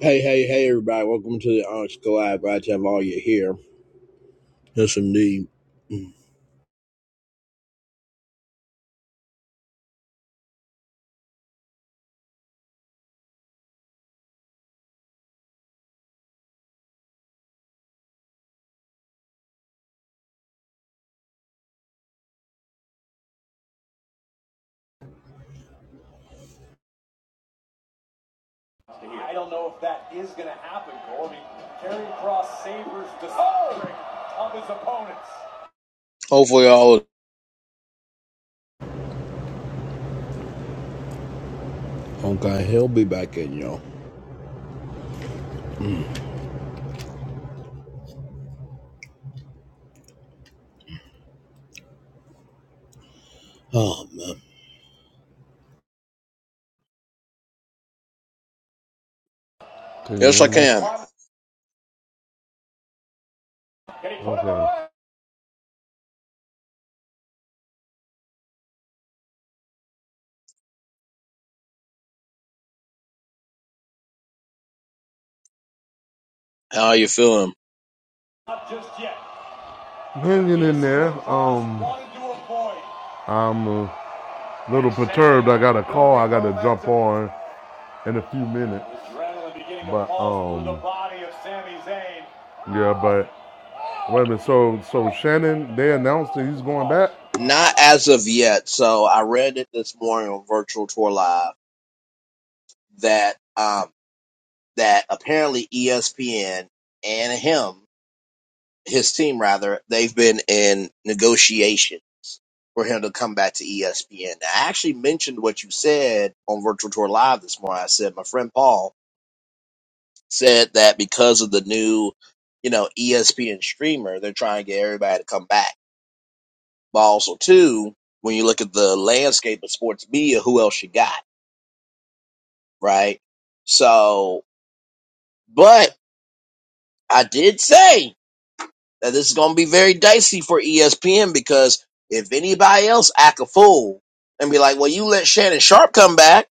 Hey, hey, hey, everybody. Welcome to the Onyx Collab. Glad to have all you here. Yes, indeed. I don't know if that is going to happen, Cole. I mean, Carrying Cross savors the string of his opponents. Hopefully, all. of Okay, he'll be back in, y'all. Oh, man. Can you Yes, hear I me? can. Can he put him Okay. away? How are you feeling? Not just yet. Hanging in there. Um, I'm a little perturbed. I got a call I got to jump on in a few minutes. But, um, Yeah, but wait a minute. So, so Shannon, they announced that he's going back. Not as of yet. So I read it this morning on Virtual Tour Live that um that apparently ESPN and him, his team rather, they've been in negotiations for him to come back to ESPN. I actually mentioned what you said on Virtual Tour Live this morning. I said my friend Paul. said that because of the new, you know, ESPN streamer, they're trying to get everybody to come back. But also, too, when you look at the landscape of sports media, who else you got, right? So, but I did say that this is going to be very dicey for ESPN because if anybody else act a fool and be like, well, you let Shannon Sharp come back,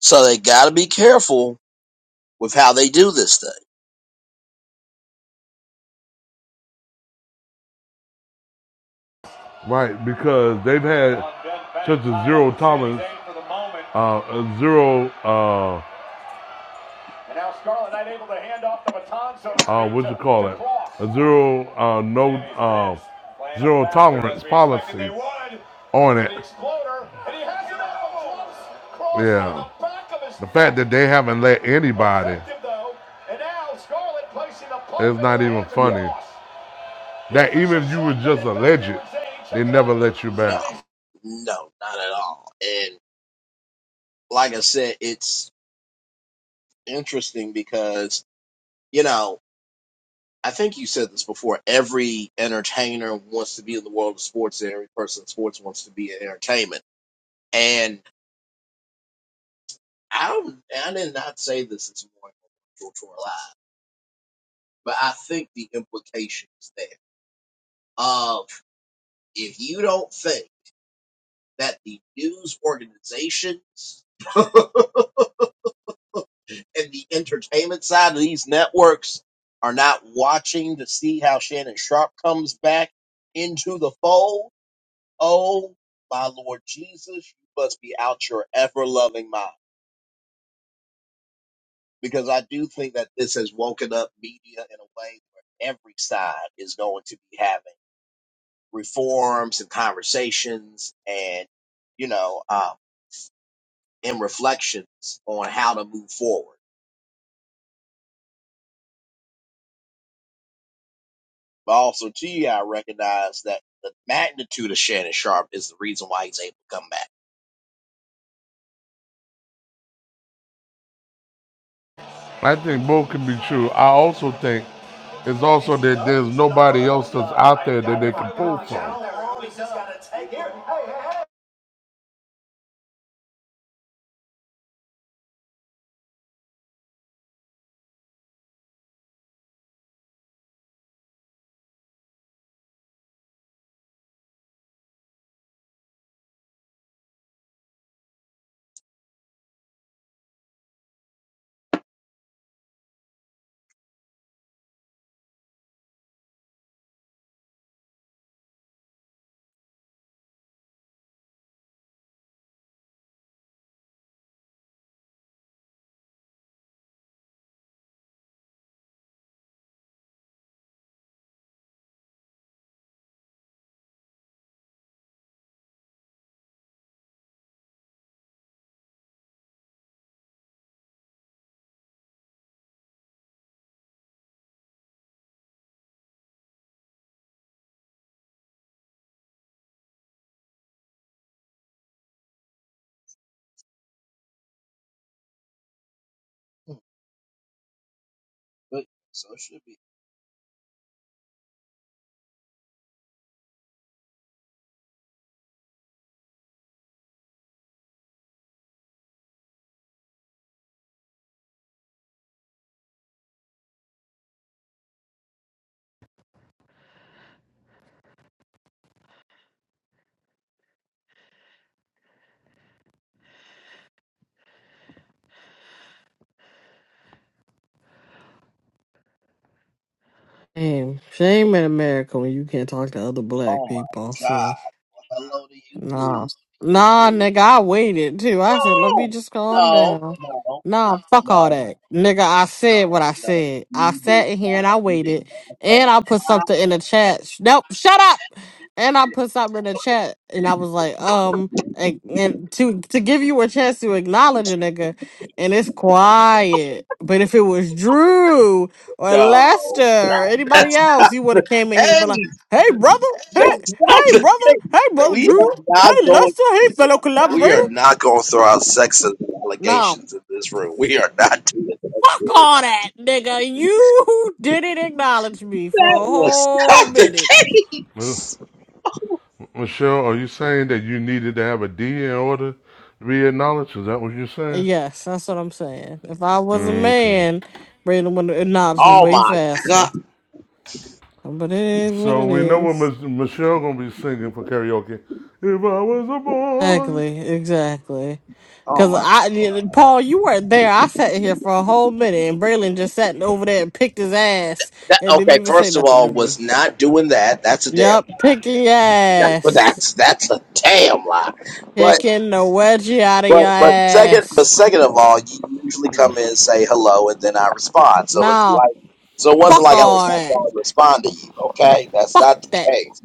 so they got to be careful with how they do this thing. Right, because they've had such a zero tolerance, uh, a zero, uh, so uh, what you call it, a zero, uh, no, uh, zero tolerance policy on it. Yeah. the fact that they haven't let anybody, it's not even Yeah. funny. That even if you were just alleged, they never let you No, back. no, not at all. And like I said, it's interesting because, you know, I think you said this before. Every entertainer wants to be in the world of sports, and every person in sports wants to be in entertainment. And I don't, I did not say this this morning on Culture Live, but I think the implication is there of if you don't think that the news organizations and the entertainment side of these networks are not watching to see how Shannon Sharp comes back into the fold Oh, my Lord Jesus, you must be out your ever loving mind. Because I do think that this has woken up media in a way where every side is going to be having reforms and conversations and, you know, uh, and reflections on how to move forward. But also, gee, I recognize that the magnitude of Shannon Sharp is the reason why he's able to come back. I think both can be true. I also think it's also that there's nobody else that's out there that they can pull from. But so it should be. Shame. Shame in America when you can't talk to other black Oh people. my God. See, Well, hello to you too. nah, nah, nigga, I waited too. I said, let me No, just calm no, down. no, Nah, fuck all no, that, nigga. I said what I no. said. I You did sat in here not. and I You did waited, not say and I put hi. something in the chat. Sh- Nope, shut up and I put something in the chat, and I was like, um, and, and to to give you a chance to acknowledge a nigga, and it's quiet. But if it was Drew or Lester No, or anybody that's not else, you would the have came in here and been like, case. hey brother, hey That's not hey the brother, case. hey brother We are Drew, not hey going. Lester, hey fellow We are collaborator. not going to throw out sexist No, allegations in this room. We are not. doing fuck all that, nigga. You didn't acknowledge me for That a was whole not the minute. Well, case. Michelle, are you saying that you needed to have a D in order to be acknowledged? Is that what you're saying? Yes, that's what I'm saying. If I was a Okay. man, Braden would acknowledge me Oh way my faster. god. But it is what So it we know what is. Ms. Michelle gonna be singing for karaoke. If I was a boy, Exactly, exactly. Oh Cause my. I, yeah, Paul, you weren't there. I sat here for a whole minute, and Braylon just sat over there and picked his ass That, and didn't okay. even say First of nothing all, to was me. not doing that. That's a damn. Yup, picking your But ass, that's that's a damn lie. But. picking the wedgie out of your But but second, but ass. second of all, you usually come in and say hello, and then I respond. So it's Nah, like, so it wasn't fuck like I was all not that. going to respond to you. Okay, that's Fuck not the that. case.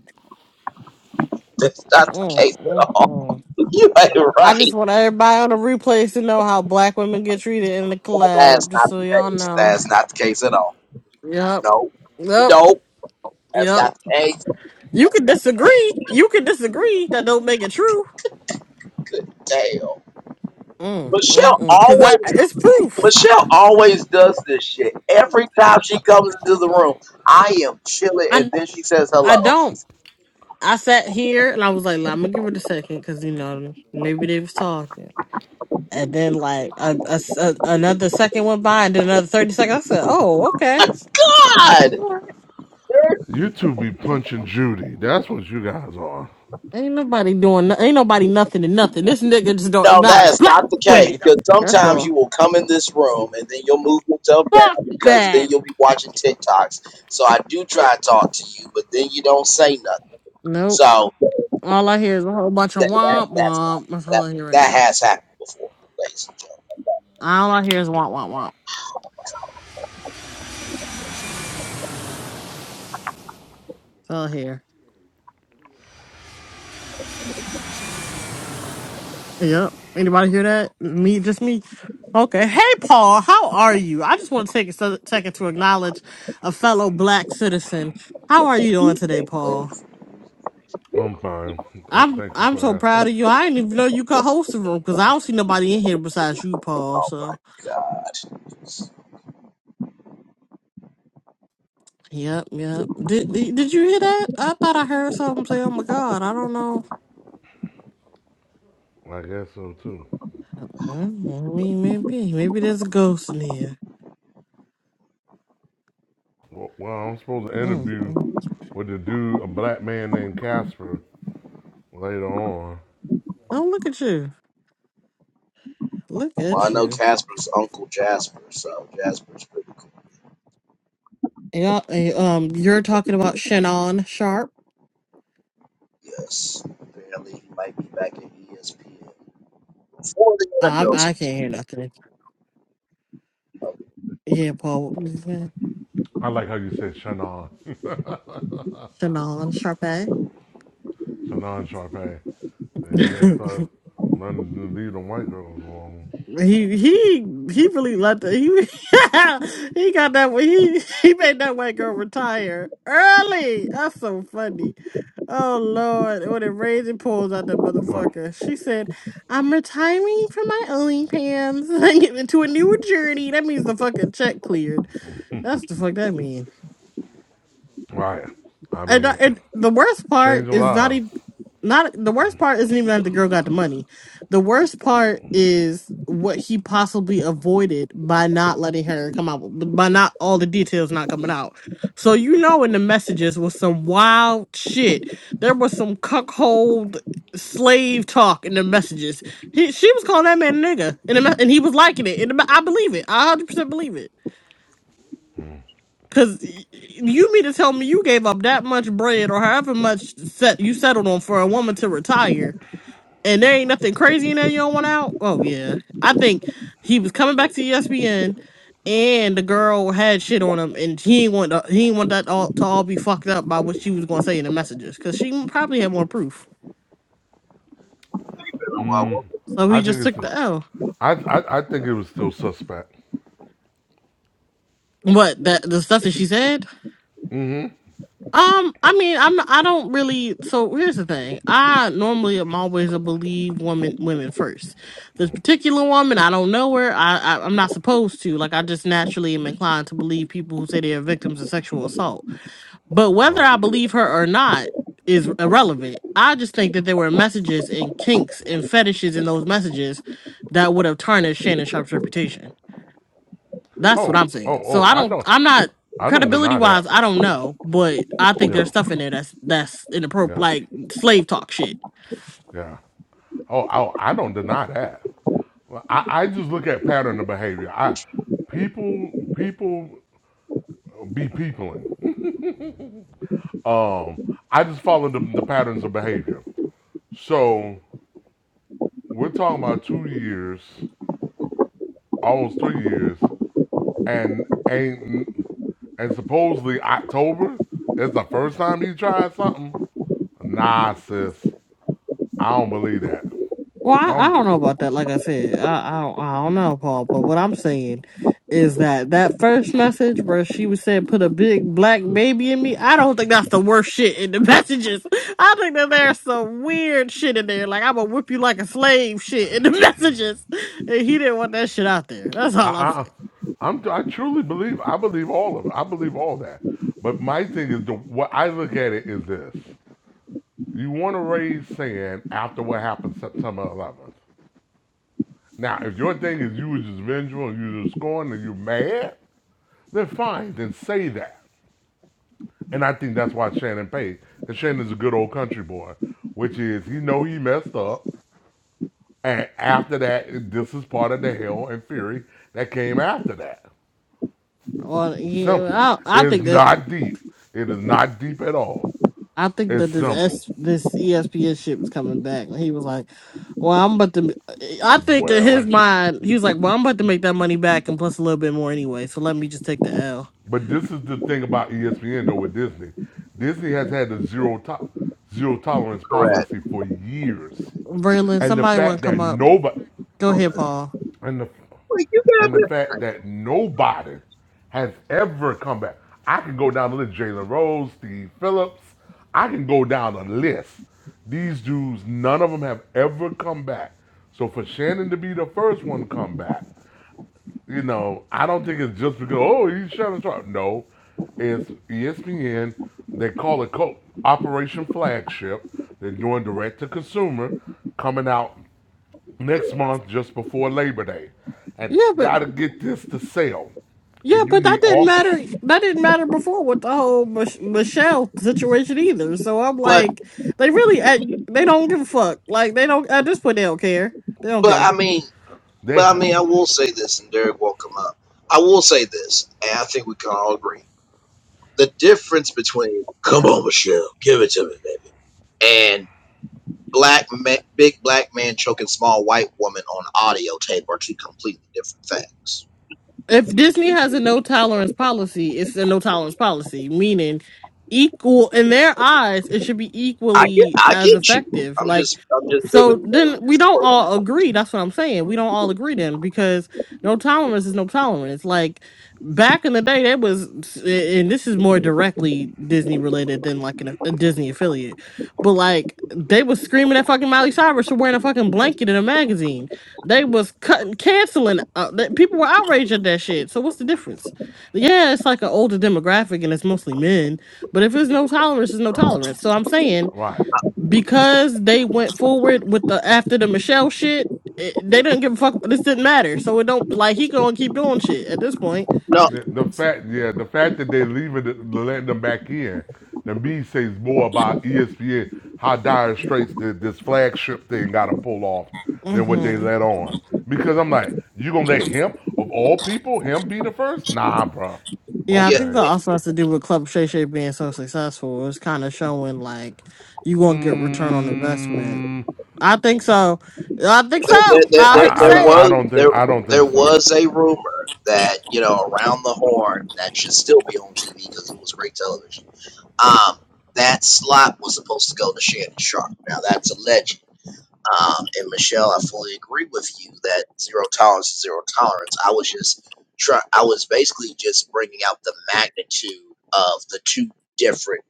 That's not the Mm, case at mm, all. mm. You ain't I just right. want everybody on the replays to know how black women get treated in the That's club, just not so the y'all case. know. That's not the case at all. Yep, No, yep, no, that's yep. not the case. You can disagree. You can disagree. That don't make it true. Good deal. Mm, Michelle mm, mm. Cause I, always, it's proof. Michelle always does this shit. Every time she comes into the room, I am chilling, and I, then she says I hello. don't. I sat here and I was like, I'm gonna give it a second, cause you know maybe they was talking. And then like a, a- a- another second went by, and then another thirty seconds. I said, Oh, okay. God. there you two be punching Judy. That's what you guys are. Ain't nobody doing. no- Ain't nobody nothing to nothing. This nigga just don't No, that acknowledge is black not the case. women. Because That's sometimes all. you will come in this room and then you'll move yourself Fuck down because then that. you'll be watching TikToks. So I do try to talk to you, but then you don't say nothing. Nope. So All I hear is a whole bunch of that that womp that's womp. That's all that I hear right that now. has happened before, ladies and gentlemen. All I hear is womp womp womp. That's all I hear. Yep. Anybody hear that? Me, just me. Okay. Hey, Paul. How are you? I just want to take a se- second to acknowledge a fellow black citizen. How are you doing today, Think Paul? Wins. I'm fine. I'm Thank you I'm so for asking. proud of you. I didn't even know you could host the room because I don't see nobody in here besides you, Paul. Oh So. my God. Yep, yep. Did, did did you hear that? I thought I heard something say, "Oh my God!" I don't know. I guess so too. Mm, I mean, maybe maybe there's a ghost in here. Well, well, I'm supposed to Mm, interview mm. with the dude, a black man named Casper, later on. Oh, look at you! Look Well, I at know you! Casper's Uncle Jasper, so Jasper's pretty cool. Yeah. eh, Um, you're talking about Shannon Sharp. Yes. Apparently he might be back at ESPN. Before the I NFL season. I can't hear nothing. Yeah, Paul. I like how you said Shannon, Shannon Sharpe. Shannon Sharpay. Yeah, you gotta start learning to leave them white girls alone. He he he really let the he he got that he he made that white girl retire early. That's so funny. Oh Lord, when it rains and pulls out that Right, motherfucker. She said, "I'm retiring from my OnlyFans and getting into a newer journey." That means the fucking check cleared. That's the fuck that means. right. I And, I- mean, and the worst part changing is not lives. even not the worst part isn't even that the girl got the money. The worst part is what he possibly avoided by not letting her come out by not all the details not coming out. So you know in the messages was some wild shit. There was some cuckold slave talk in the messages. He she was calling that man a nigga in the, me- and he was liking it. And I believe it. I 100% believe it. Cause y- you mean to tell me you gave up that much bread or however much set you settled on for a woman to retire, and there ain't nothing crazy in there you don't want out? Oh yeah, I think he was coming back to ESPN, and the girl had shit on him, and he ain't want he ain't want that all to all be fucked up by what she was gonna say in the messages, cause she probably had more proof. Been a while. So I he think just took it's, the L. I, I, I think it was still suspect. What that the stuff that she said? Um, I mean, I'm I don't really. So here's the thing. I normally am always a believe woman women first. This particular woman, I don't know her. I, I I'm not supposed to. Like I just naturally am inclined to believe people who say they are victims of sexual assault. But whether Right. I believe her or not is irrelevant. I just think that there were messages and kinks and fetishes in those messages that would have tarnished Shannon Sharp's reputation. That's what Oh, I'm oh, saying. So oh. I I don't. don't, I'm not I don't credibility deny wise. that. I don't know, but I think there's Yeah, stuff in there that's that's inappropriate, yeah. like slave talk shit. Yeah. Oh, oh, I don't deny that. Well, I, I just look at pattern of behavior. I people people be peopling. Um, I just follow the, the patterns of behavior. So we're talking about two years, almost three years, and ain't and supposedly October is the first time he tried something. Nah, sis, I don't believe that. Well, I I, I don't. don't know about that. Like I said, I I don't, I don't know, Paul. But what I'm saying is that that first message where she was saying put a big black baby in me. I don't think that's the worst shit in the messages. I think that there's some weird shit in there. Like I'm gonna whip you like a slave shit in the messages, and he didn't want that shit out there. That's I, all I'm I, saying. I'm, I truly believe. I believe all of it. I believe all that. But my thing is, the what I look at it is this: you want to raise sand after what happened September 11th. Now, if your thing is you were just vengeful and you were just scorned and you're mad, then fine, then say that. And I think that's why Shannon paid. Because Shannon's a good old country boy, which is he know he messed up. And after that, this is part of the hell and fury that came after that. Well, Simple. yeah, I, I It's think that not deep. It is not deep at all. I think It's that this simple. S, this ESPN shit was coming back. He was like, "Well, I'm about to." I think in his Well, mind, he was like, "Well, I'm about to make that money back and plus a little bit more anyway. So let me just take the L." but this is the thing about ESPN though with Disney. Disney has had a zero to- zero tolerance Correct. policy for years, Braylon, and the somebody want fact to that come up? nobody Go ahead, Paul. and the Like you got and the fact that nobody has ever come back. I can go down the list: Jalen Rose, Steve Phillips. I can go down the list. These dudes, none of them have ever come back. So for Shannon to be the first one to come back, you know, I don't think it's just because oh he's Shannon Sharp. No, it's ESPN. They call it co- Operation Flagship. They're doing direct to consumer, coming out next month just before Labor Day, and Yeah, but gotta get this to sell, yeah, and you but that need didn't all. matter. That didn't matter before with the whole Mich- Michelle situation either. So I'm But like, they really, at, they don't give a fuck. Like they don't at this point, they don't care. They don't but I care. mean They but I have mean I will say this, and Derek will come up. I will say this, and I think we can all agree. The difference between "Come No. on, Michelle, give it to me, baby," and "Black man, big black man choking small white woman on audio tape" are two completely different things. If Disney has a no tolerance policy, it's a no tolerance policy, meaning equal in their eyes, it should be I get, equally I as get you. effective. I'm Like, just, I'm just so giving. then we don't all agree. That's what I'm saying. We don't all agree then because no tolerance is no tolerance. Like back in the day, there was, and this is more directly Disney related than like an, a Disney affiliate, but like they was screaming at fucking Miley Cyrus for wearing a fucking blanket in a magazine. They was cutting, canceling. Uh, that people were outraged at that shit. So what's the difference? Yeah, it's like an older demographic, and it's mostly men. But if there's no tolerance, there's no tolerance. So I'm saying right. because they went forward with the after the Michelle shit, it, they didn't give a fuck. This didn't matter. So it don't like he gonna keep doing shit at this point. No, The, the fact, yeah, the fact that they leaving, it, letting them back in, to me says more about ESPN how dire straits that this flagship thing got to pull off than what they hmm let on. Because I'm like, you gonna let him of all people, him be the first? Nah, bro. Yeah, I yeah, think that Okay. also has to do with Club Shay Shay being so successful. It's kind of showing like you gonna get return on investment. Mm, I think so. I think there, there, so. there, I there hate to I, I there don't, say it. I was don't there think, I don't there think so. was a rumor that you know around the horn that should still be on TV because it was great television. Um, that slot was supposed to go to Shannon Sharp. Now that's alleged. Um, and Michelle, I fully agree with you that zero tolerance is zero tolerance. I was just try I was basically just bringing out the magnitude of the two different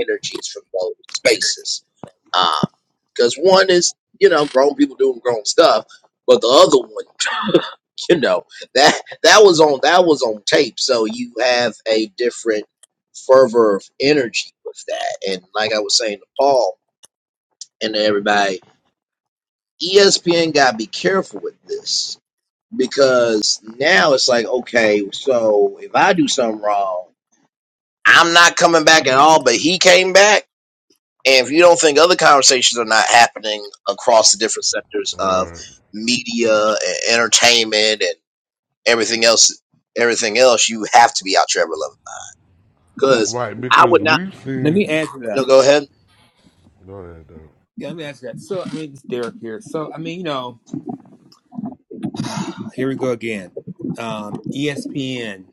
energies from both spaces. Because one is, you know, grown people doing grown stuff, but the other one, you know, that that was on that was on tape. So you have a different fervor of energy with that. And like I was saying to Paul and to everybody ESPN gotta be careful with this because now it's like, okay, so if I do something wrong, I'm not coming back at all, but he came back. And if you don't think other conversations are not happening across the different sectors of Right, media and entertainment and everything else, everything else, you have to be out your ever level. Because right, I because would not. we've Let seen. me add to No, that. go ahead. Go ahead. Doug. Yeah, let me ask you that. So, I mean, it's Derek here. So, I mean, you know, here we go again. Um, ESPN.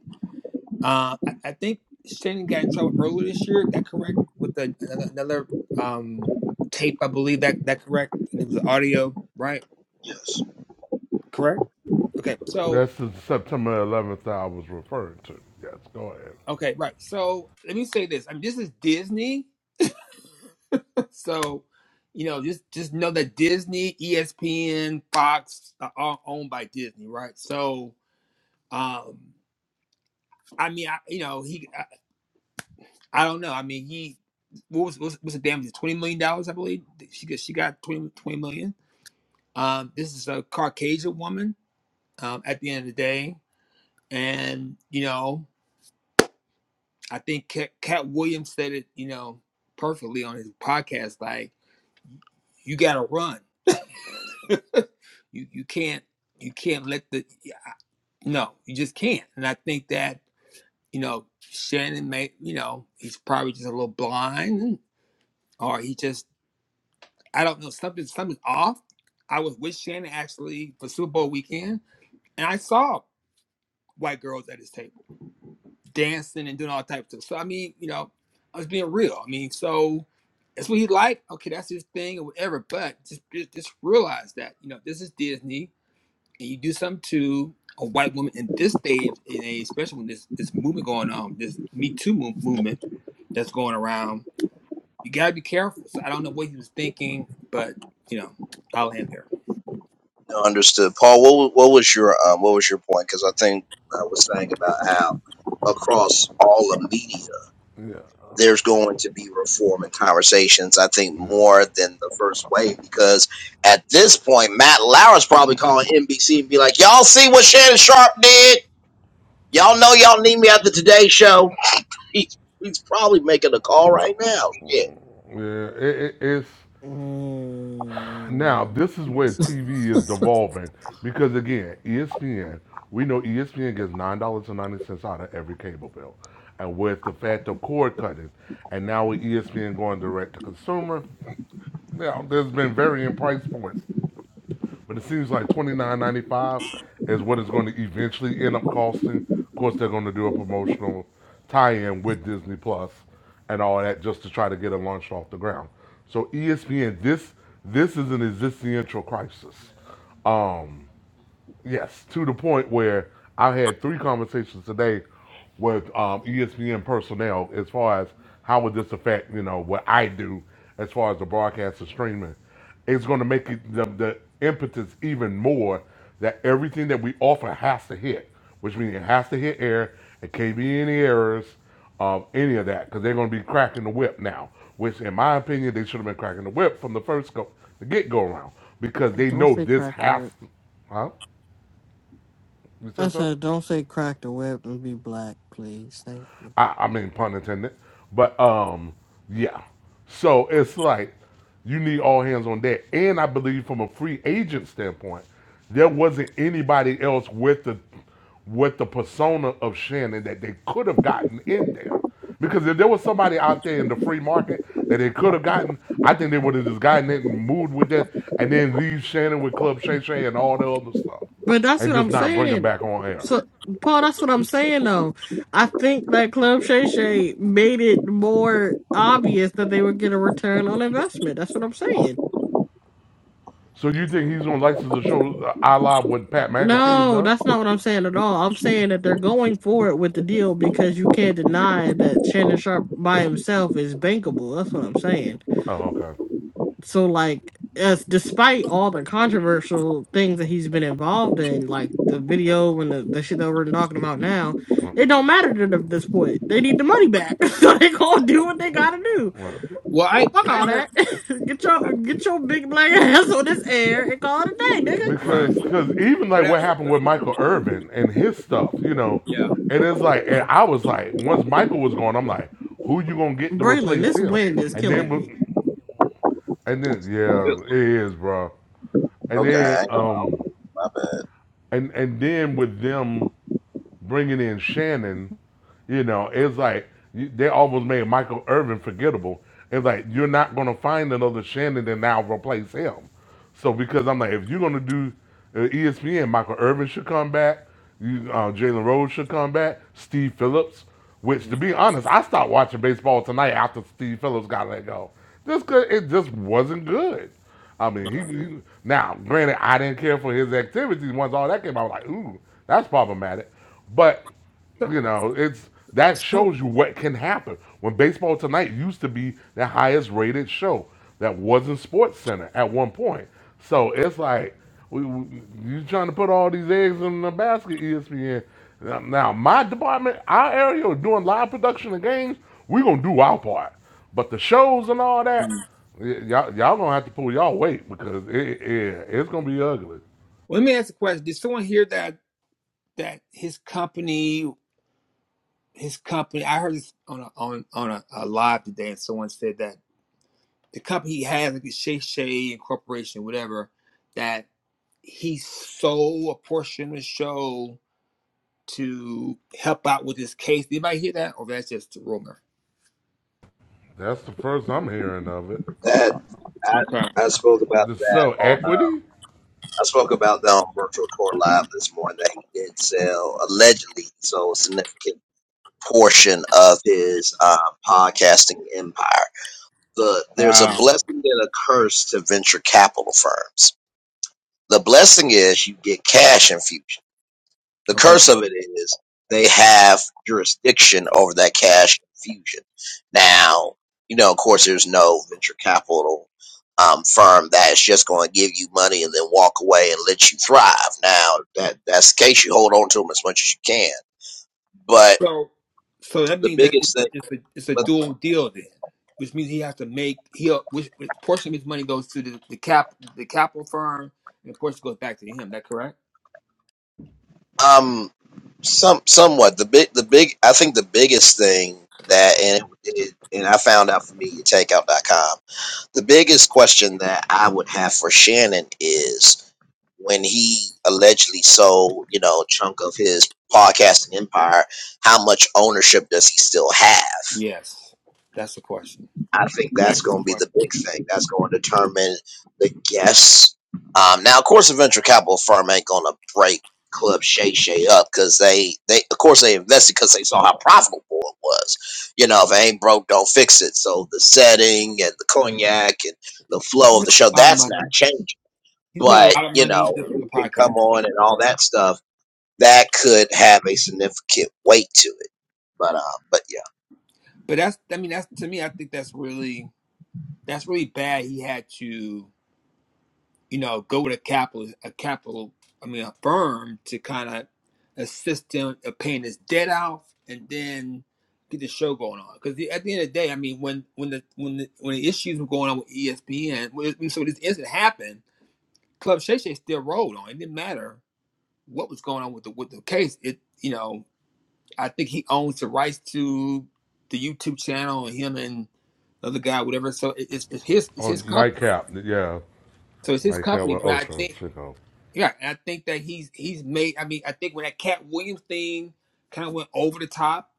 Uh, I, I think Shannon got in trouble earlier this year. That correct? With the, another, another um, tape, I believe that that correct. And it was the audio, right? Correct. Okay. So, That's the September 11th that I was referring to. Yes, go ahead. okay, right. So, let me say this. I mean, this is Disney. so, you know, just just know that Disney, ESPN, Fox are all owned by Disney, right? So. Um, I mean, I, you know, he, I, I don't know. I mean, he, what was, what's, what's the damage? Twenty million dollars, I believe. She got, she got twenty twenty million. Um, this is a Caucasian woman. Um, at the end of the day, and you know, I think Cat, Cat Williams said it, you know, perfectly on his podcast. Like, you got to run. You, you can't, you can't let the, no, you just can't. And I think that you know, Shannon may, you know, he's probably just a little blind, or he just I don't know, something something's off. I was with Shannon actually for Super Bowl weekend, and I saw white girls at his table dancing and doing all types of stuff. So I mean, you know, I was being real. I mean, so that's what he liked. Okay, that's his thing or whatever. But just, just just realize that you know this is Disney, and you do something to a white woman in this stage in a especially when this this movement going on, this Me Too mo- movement that's going around. You gotta be careful. So I don't know what he was thinking, but you know, I'll end there. No, understood. Paul, what wa- what was your um, what was your point? Because I think I was saying about how across all the media, Yeah. there's going to be reform and conversations. I think Yeah. more than the first wave, because at this point, Matt Lauer's probably calling NBC and be like, "Y'all see what Shannon Sharp did? Y'all know y'all need me at the Today Show." He's he's probably making a call right now. Shit. Yeah, it, it, it's now Mm, this is where TV is devolving because again, ESPN, we know ESPN gets nine dollars and ninety cents out of every cable bill, and with the fact of cord cutting, and now with ESPN going direct to consumer, now there's been varying price points But it seems like twenty nine ninety five is what it's going to eventually end up costing. Of course, they're going to do a promotional tie in with Disney Plus and all that just to try to get it launched off the ground. So ESPN, this this is an existential crisis. Um, Yes, to the point where I had three conversations today with um, ESPN personnel as far as how would this affect, you know, what I do as far as the broadcast and streaming. It's going to make it, the, the impetus even more that everything that we offer has to hit, which means it has to hit air. It can't be any errors of any of that because they're going to be cracking the whip now, which, in my opinion, they should have been cracking the whip from the first go, the get go around because they don't know say this crack the has, whip. to, huh? You I said so? said, don't say crack the whip and be black, please. Thank you. I, I mean, pun intended. But um, yeah. So it's like you need all hands on deck. And I believe from a free agent standpoint, there wasn't anybody else with the with the persona of Shannon that they could have gotten in there. Because if there was somebody out there in the free market that they could have gotten, I think they would have just gotten it and moved with that and then leave Shannon with Club Shay Shay and all the other stuff But that's and what just I'm not bring him saying. back on air. So, Paul, that's what I'm saying, though. I think that Club Shay Shay made it more obvious that they would get a return on investment. That's what I'm saying. So you think he's gonna license the show uh, a la what Pat McAfee has No, done? that's not what I'm saying at all. I'm saying that they're going for it with the deal because you can't deny that Shannon Sharp by himself is bankable. That's what I'm saying. Oh, okay. So like as despite all the controversial things that he's been involved in, like the video and the, the shit that we're talking about now, Well, it don't matter to them at this point. They need the money back. so they gonna do what they gotta do. well. Well, I Fuck I all heard that. get I, your get your big black ass on this air and call it a day, nigga. right, Because cause even but like I, what happened with Michael Irvin and his stuff, you know, yeah, and it's like, and I was like, once Michael was gone, I'm like, who you gonna get to Braylon, replace this him? wind is And then, killing with- me. and then, yeah, it is, bro. And then, Okay, um, my bad. and and then with them bringing in Shannon, you know, it's like they almost made Michael Irvin forgettable. It's like you're not gonna find another Shannon and now replace him. So because I'm like, if you're gonna do uh, ESPN, Michael Irvin should come back. You, uh, Jalen Rose should come back. Steve Phillips, which to no, be honest, I stopped watching baseball tonight after Steve Phillips got let go, just 'cause it just wasn't good. I mean, no. he, he now granted I didn't care for his activities once all that came out. I was like, ooh, that's problematic. But So, you know, it's that so shows you what can happen. When Baseball Tonight used to be the highest rated show that wasn't Sports Center at one point, so it's like we, we, you trying to put all these eggs in the basket, ESPN. Now, now, my department, our area, doing live production of games, we gonna do our part. But the shows and all mm. that. Y- y'all y'all gonna have to pull y'all weight because it, it it's gonna be ugly. let me ask a question. Did someone hear that that his company his company? I heard this on a, on on a, a live today, and someone said that the company he has, like the Shay Shay Corporation, whatever, that he sold a portion of the show to help out with this case. Did anybody hear that, or that's just a rumor? That's the first I'm hearing of it. That Okay. I, I spoke about The that so on. equity I spoke about that on Virtual Core Live this morning that he did sell allegedly so a significant portion of his uh, podcasting empire. The there's a Wow. blessing and a curse to venture capital firms. The blessing is you get cash infusion. The curse of it is they have jurisdiction over that cash infusion. Now, you know, of course, there's no venture capital um, firm that is just going to give you money and then walk away and let you thrive. Now, that that's the case. You hold on to them as much as you can. But So, so that the means that it's biggest a, thing, it's a it's a but dual deal then, which means he has to make he which, which portion of his money goes to the, the cap the capital firm, and of course it goes back to him. That correct? um, some somewhat the big the big I think the biggest thing that and it, and I found out from MediaTakeout.com The biggest question that I would have for Shannon is when he allegedly sold, you know, a chunk of his podcasting empire, how much ownership does he still have? Yes, that's the question. I think that's That's the going to be question. the big thing. That's going to determine the guests. Um, now, of course, a venture capital firm ain't going to break Club Shay Shay up because they, they, of course, they invested because they saw how profitable it was. You know, if it ain't broke, don't fix it. So the setting and the cognac and the He's flow of made the show, a lot of that's not money. changing. He's made a But, lot of you money know, just from the who can podcast. come He's made a on lot and of all money. that stuff, that could have a significant weight to it. But, uh, but yeah. But that's I mean that's to me I think that's really that's really bad. He had to. you know, go with a capital, a capital, I mean, a firm to kind of assist them in paying this debt off, and then get the show going on. Because at the end of the day, I mean, when when the when the, when the issues were going on with ESPN, when, so this incident happened, Club Shay Shay still rolled on. It didn't matter what was going on with the with the case. It you know, I think he owns the rights to the YouTube channel, and him and the other guy, whatever. So it, it's, it's his it's or his company. nightcap? Yeah, So it's his nightcap company, with but I Ocho think Cinco. yeah, and I think that he's he's made. I mean, I think when that Cat Williams thing kind of went over the top,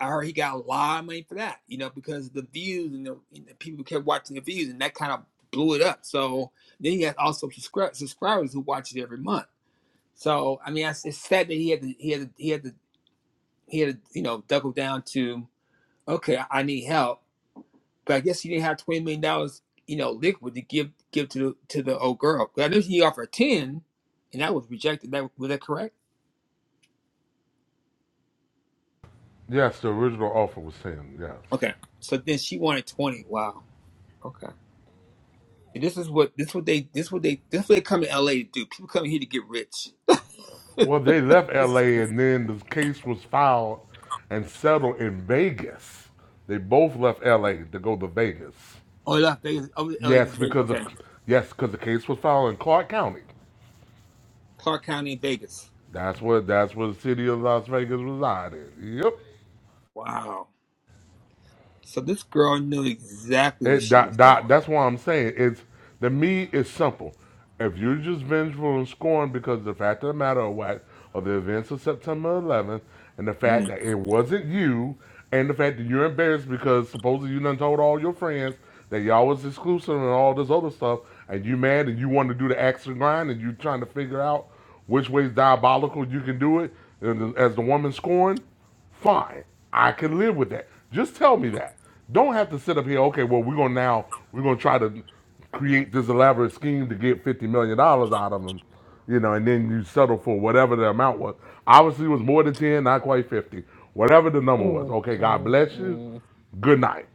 I heard he got a lot of money for that. You know, because the views and the, and the people kept watching the views, and that kind of blew it up. So then he has also subscri- subscribers who watch it every month. So I mean, it's it's sad that he had to he had to he had to he had to you know double down to okay, I need help, but I guess he didn't have twenty million dollars you know liquid to give give to the to the old girl. 'Cause I know he offered ten, and that was rejected. That was that correct? Yes, the original offer was ten. Yes. Okay. So then she wanted twenty. Wow. Okay. And this is what this what they this what they this what they come to LA to do. People come here to get rich. Well, they left this is L.A. and then the case was filed and settled in Vegas. They both left L.A. to go to Vegas. oh Las Vegas. Oh LA go Yes, to Vegas. because the Okay. yes, because the case was filed in Clark County. Clark County, Vegas. That's where that's where the city of Las Vegas resided. Yep. Wow. So this girl knew exactly what It, she was that, that, doing. that's why I'm saying it's the me is simple. If you're just vengeful and scorned because of the fact of the matter of what of the events of September 11th and the fact Mm. that it wasn't you and the fact that you're embarrassed because supposedly you done told all your friends that y'all was exclusive and all this other stuff and you mad and you want to do the extra grind and you trying to figure out which way's diabolical you can do it and as the woman scorned Fine. I can live with that. Just tell me that. Don't have to sit up here, okay, well, we're going to now, we're going to try to create this elaborate scheme to get $50 million dollars out of them, you know, and then you settle for whatever the amount was. Obviously, it was more than 10, not quite 50. Whatever the number was. Mm, Okay, God mm, bless you. mm. Good night.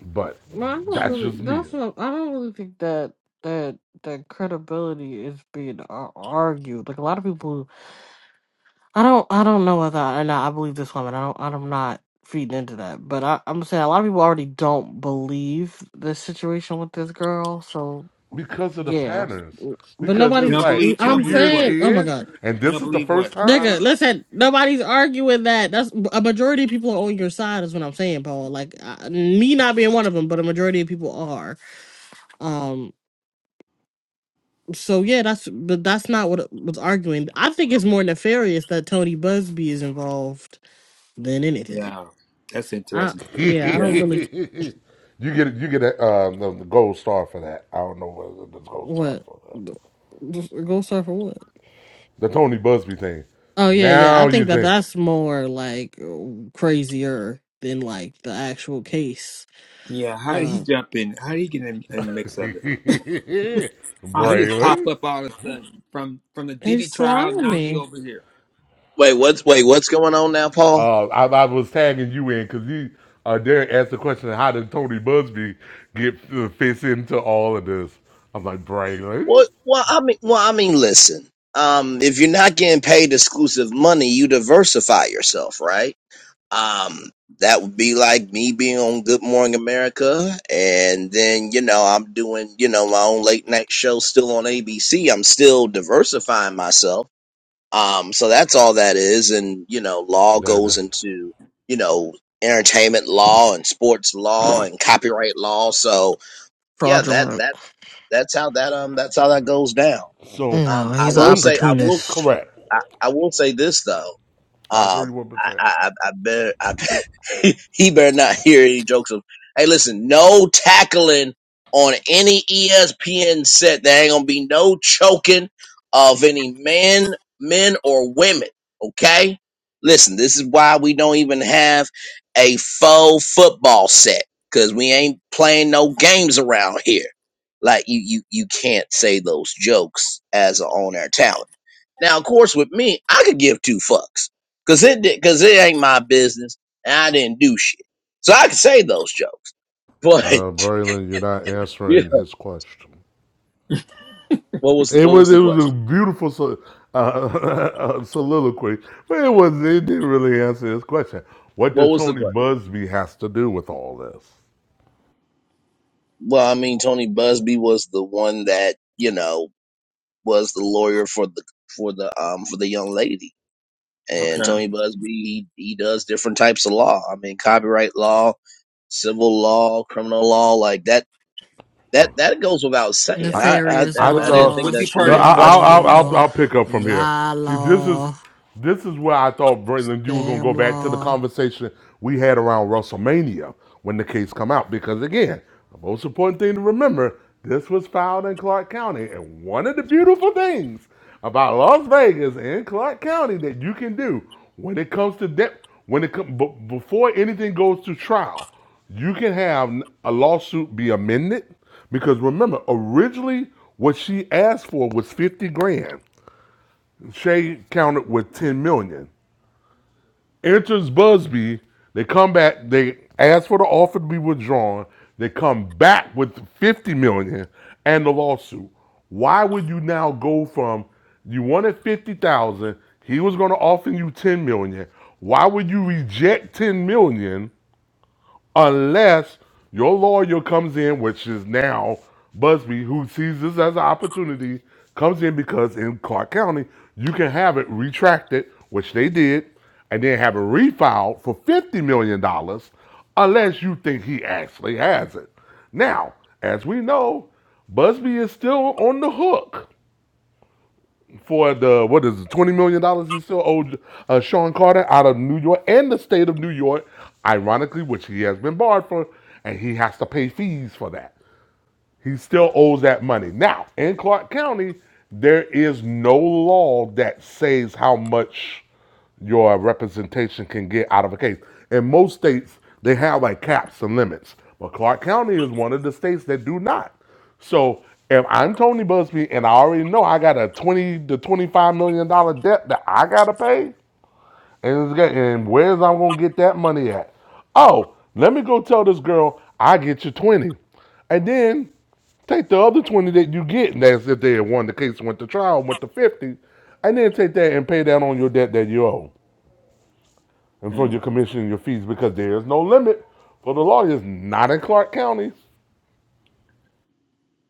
But Well, I don't that's really just me. that's what I don't really think that that that credibility is being ar- argued. Like a lot of people I don't I don't know whether or not I believe this woman. I don't I'm not feeding into that. But I, I'm saying a lot of people already don't believe the situation with this girl. So Because of the yeah. patterns. But Because They it's nobody don't like believe they two don't I'm believe years what? saying oh my in, god. and They this don't is the believe first what? Nigga, time? listen, nobody's arguing that. That's a majority of people are on your side is what I'm saying, Paul. Like I, me not being one of them, but a majority of people are. Um so yeah, that's but that's not what I was arguing. I think it's more nefarious that Tony Busby is involved than anything. Yeah. That's I interesting too. you yeah, I don't Yeah. really get you get a, um, the, the gold star for that. I don't know what the gold star is what for that. go star for what? The Tony Busby thing. Oh yeah, yeah. Now I you think that think, that's more like crazier than like the actual case. Yeah. How did he Um, jump in? How did he get in in the mix of it? How he just pop Braylon? up all of a sudden from from the Diddy he's trial. Now you slimy, over here. Wait, Okay. what's, wait, what's going on now, Paul? Uh, I, I was tagging you in because you uh, Derek asked the question, how did Tony Busby get uh, fits into all of this? I'm like Braylon. Well, well, I mean, well, I mean, listen. Um, if you're not getting paid exclusive money, you diversify yourself, right? Um, that would be like me being on Good Morning America, and then you know I'm doing you know my own late night show still on ABC. I'm still diversifying myself. Um, so that's all that is, and you know, law That goes uh, into you know entertainment law and sports law and copyright law. So yeah, that fraudulent. that that's how that um that's how that goes down. so Um, No, I he's an will fun, say, I will, opportunist. correct. I, I will say this though. I agree Um, with I, Michelle. I, I I better, I, better he better not hear any jokes of, hey, listen, no tackling on any ESPN set. There ain't gonna be no choking of any man, men or women. Okay, listen, this is why we don't even have a faux football set because we ain't playing no games around here. Like you, you, you can't say those jokes as an on-air talent. Now, of course, with me, I could give two fucks because it because it ain't my business, and I didn't do shit, so I could say those jokes. But Uh, Braylon, you're not yeah, answering his question. what was It what was was the it was a question? beautiful so, uh, soliloquy, but it was it didn't really answer this question. What What did was the Tony question? Busby has to do with all this? Well, I mean, Tony Busby was the one that you know was the lawyer for the for the um for the young lady, and Okay. Tony Busby he, he does different types of law. I mean, copyright law, civil law, criminal law, like that. That that goes without saying. I I I Nefarious that, I Was I he didn't thought think law, was that he should no, part be of a I, scamming I'll, I'll question, I'll law, I'll pick up from here. lie See, this is law, this is where I thought Braylon, you were gonna go scam back to the law. conversation we had around WrestleMania when the case come out. Because again, the most important thing to remember, this was filed in Clark County, and one of the beautiful things about Las Vegas and Clark County that you can do when it comes to debt, when it comes before anything goes to trial, you can have a lawsuit be amended because remember, originally what she asked for was 50 grand. Shay countered with 10 million. Enters Busby. They come back. They ask for the offer to be withdrawn. They come back with 50 million and the lawsuit. Why would you now go from you wanted 50,000, he was going to offer you 10 million. Why would you reject 10 million unless your lawyer comes in, which is now Busby, who sees this as an opportunity, comes in because in Clark County, you can have it retracted, which they did, and then have it refiled for $50 million dollars unless you think he actually has it. Now, as we know, Busby is still on the hook for the what is it, twenty million dollars he still owed uh, Sean Carter out of New York and the state of New York, ironically, which he has been barred for, and he has to pay fees for that. He still owes that money. Now, in Clark County, there is no law that says how much your representation can get out of a case. In most states, they have like caps and limits, but Clark County is one of the states that do not. So if I'm Tony Busby and I already know I got a 20 to 25 million dollar debt that I gotta pay, and, it's got- and where's I'm gonna get that money at? Oh, let me go tell this girl I get you twenty, and then take the other twenty that you get, and that's if they had won the case, went to trial, went to fifty, and then take that and pay down on your debt that you owe, and for Hmm. your commission and your fees because there's no limit for the lawyers, not in Clark County.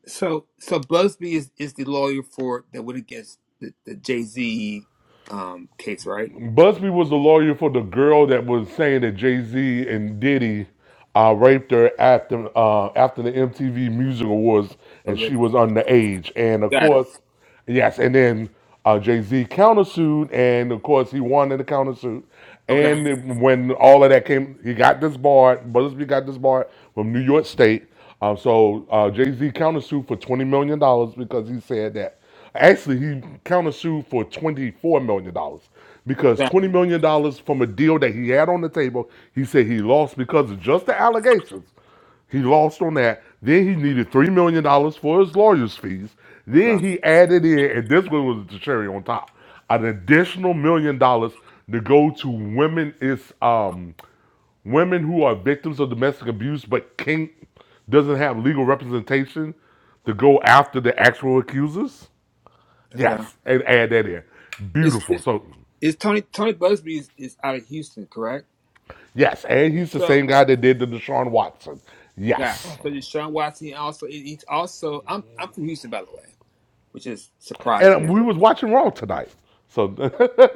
so so Busby is, is the lawyer for that went against the, the Jay Z um case, right? Busby was the lawyer for the girl that was saying that Jay Z and Diddy uh, raped her after uh, after the MTV Music Awards, and Of the- she was underage. And of Got it. course, yes. And then uh, Jay Z countersued, and of course he won in the countersuit. Okay. And it- when all of that came, he got disbarred. Busby got disbarred from New York State. Um, so uh, Jay Z countersued for twenty million dollars because he said that Actually, he countersued for twenty-four million dollars because Got it. $20 million dollars from a deal that he had on the table, he said he lost because of just the allegations. He lost on that. Then he needed $3 million dollars for his lawyer's fees. Then Okay. he added in, and this one was the cherry on top, an additional million dollars to go to women is um women who are victims of domestic abuse but can't doesn't have legal representation to go after the actual accusers. Okay. Yes, and add that in. Is Beautiful. is So is Tony Tony Busby is, is out of Houston, correct? Yes, and he's the So same guy that did the Deshaun Watson. got it. Yes, so Deshaun Watson also he- he's also I'm I'm from Houston by the way, which is and surprising. we was watching Raw tonight, so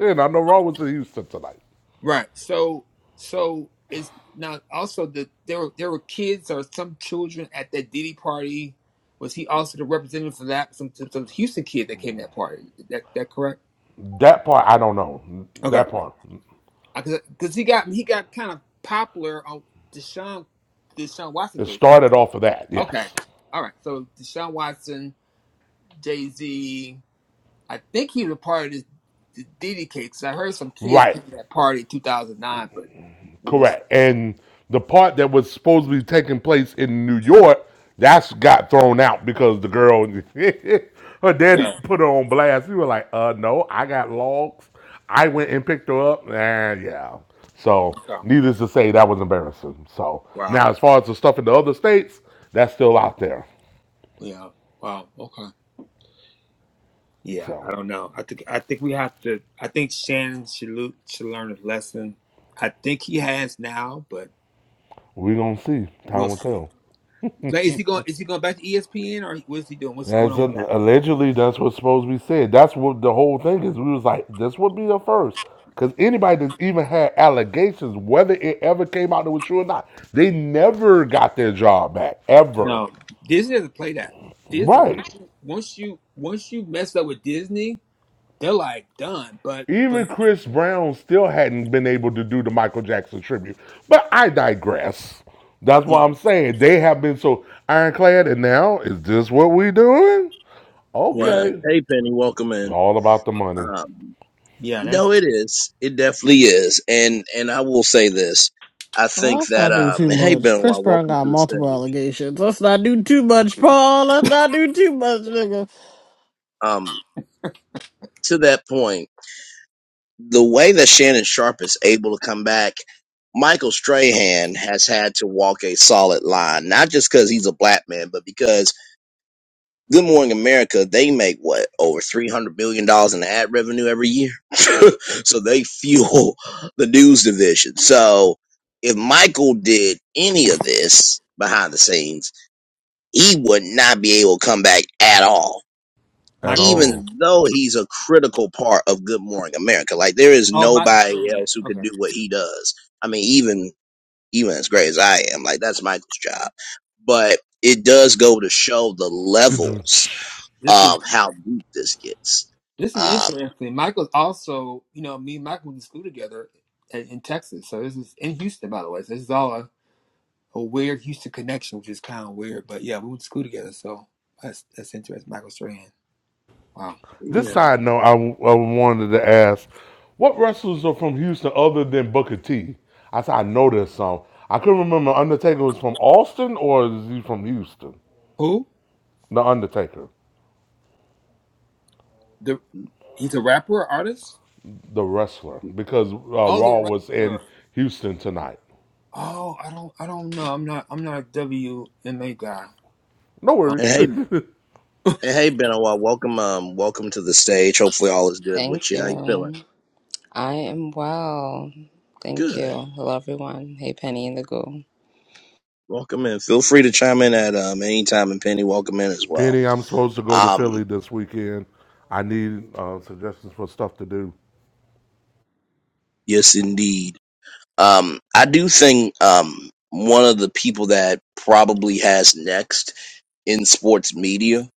and I know Raw was in Houston tonight. Right. So so it's now also the there were there were kids or some children at that Diddy party. Was he also the representative for that some some Houston kid that came to that party? Is That that correct? That part I don't know. Okay. That part Because he got he got kind of popular on Deshaun Deshaun Watson it case, right? started off of that. Okay. Yes, All right. So Deshaun Watson, Jay Z. I think he was a part of this the Diddy case. 'cause I heard some kids came right. to that party in 2009, but we'll see. Correct. And the part that was supposed to be taking place in New York, that's got thrown out because the girl, her daddy Yeah. put her on blast. We were like, uh, no, I got logs. I went and picked her up. And yeah. So, Okay. needless to say, that was embarrassing. So, Wow. now as far as the stuff in the other states, that's still out there. Yeah. Wow. Okay. Yeah. I So, don't know. I think I think we have to. I think Shannon should lo- should learn a lesson. I think he has now, but we're going to see. we'll Time will see. tell. Like, is he going? Is he going back to ESPN or what's he doing? What's going That's on a, with that? allegedly that's what's supposed to be said. That's what the whole thing is. We was like, this would be the first, because anybody that's even had allegations, whether it ever came out it was true or not, they never got their job back ever. No, Disney doesn't play that. Disney Right. once you once you once you mess up with Disney, they're like done. But but Even Chris Brown still hadn't been able to do the Michael Jackson tribute. But I digress. That's what yeah I'm saying they have been so ironclad, and now is this what we doing? yeah Right. Okay. Hey, Penny, welcome It's in. all about the money. Um, yeah. That's no, it is. It definitely is. And and I will say this. I Well, think let's that not do um too and hey much. Chris Benoit, Brown welcome got to the multiple stage. allegations. Let's not do too much, Paul. Let's not do too much, nigga. Um, to that point, the way that Shannon Sharp is able to come back, Michael Strahan has had to walk a solid line, not just because he's a black man, but because Good Morning America, they make what over three hundred billion dollars in ad revenue every year, so they fuel the news division. So if Michael did any of this behind the scenes, he would not be able to come back at all, At Michael Rule. all. even though he's a critical part of Good Morning America. Like there is Oh, Michael nobody Strahan. else who could Okay. do what he does. I mean, even even as great as I am, like that's Michael's job, but it does go to show the levels This is of how deep this gets. This is Um, interesting. Michael's also, you know, me and Michael went to school together in, in Texas. So this is in Houston, by the way. So this is all a, a weird Houston connection, which is kind of weird. But yeah, we went to school together. So that's that's interesting. Michael Strahan. Wow. This yeah. Okay. side note, I, I wanted to ask, what wrestlers are from Houston other than Booker T? I said I know there's some. I couldn't remember Undertaker was from Austin or is he from Houston? Who? The Undertaker, The he's a rapper, or artist. the wrestler, because uh, Oh, Raw the was in wrestler. Houston tonight. Oh, I don't, I don't know. I'm not, I'm not a WMA guy. No And worries, hey, and hey, Benoit, welcome, um, welcome to the stage. Hopefully, all is good Thank with you. How you feeling? you. I am well. Thank you. Good. Hello, everyone. Hey, Penny and the Goo. Welcome in. Feel free to chime in at um any time, and Penny, welcome in as well. Penny. I'm supposed to go to Philly Um, this weekend. I need uh, suggestions for stuff to do. yes, indeed. Um, I do think um one of the people that probably has next in sports media,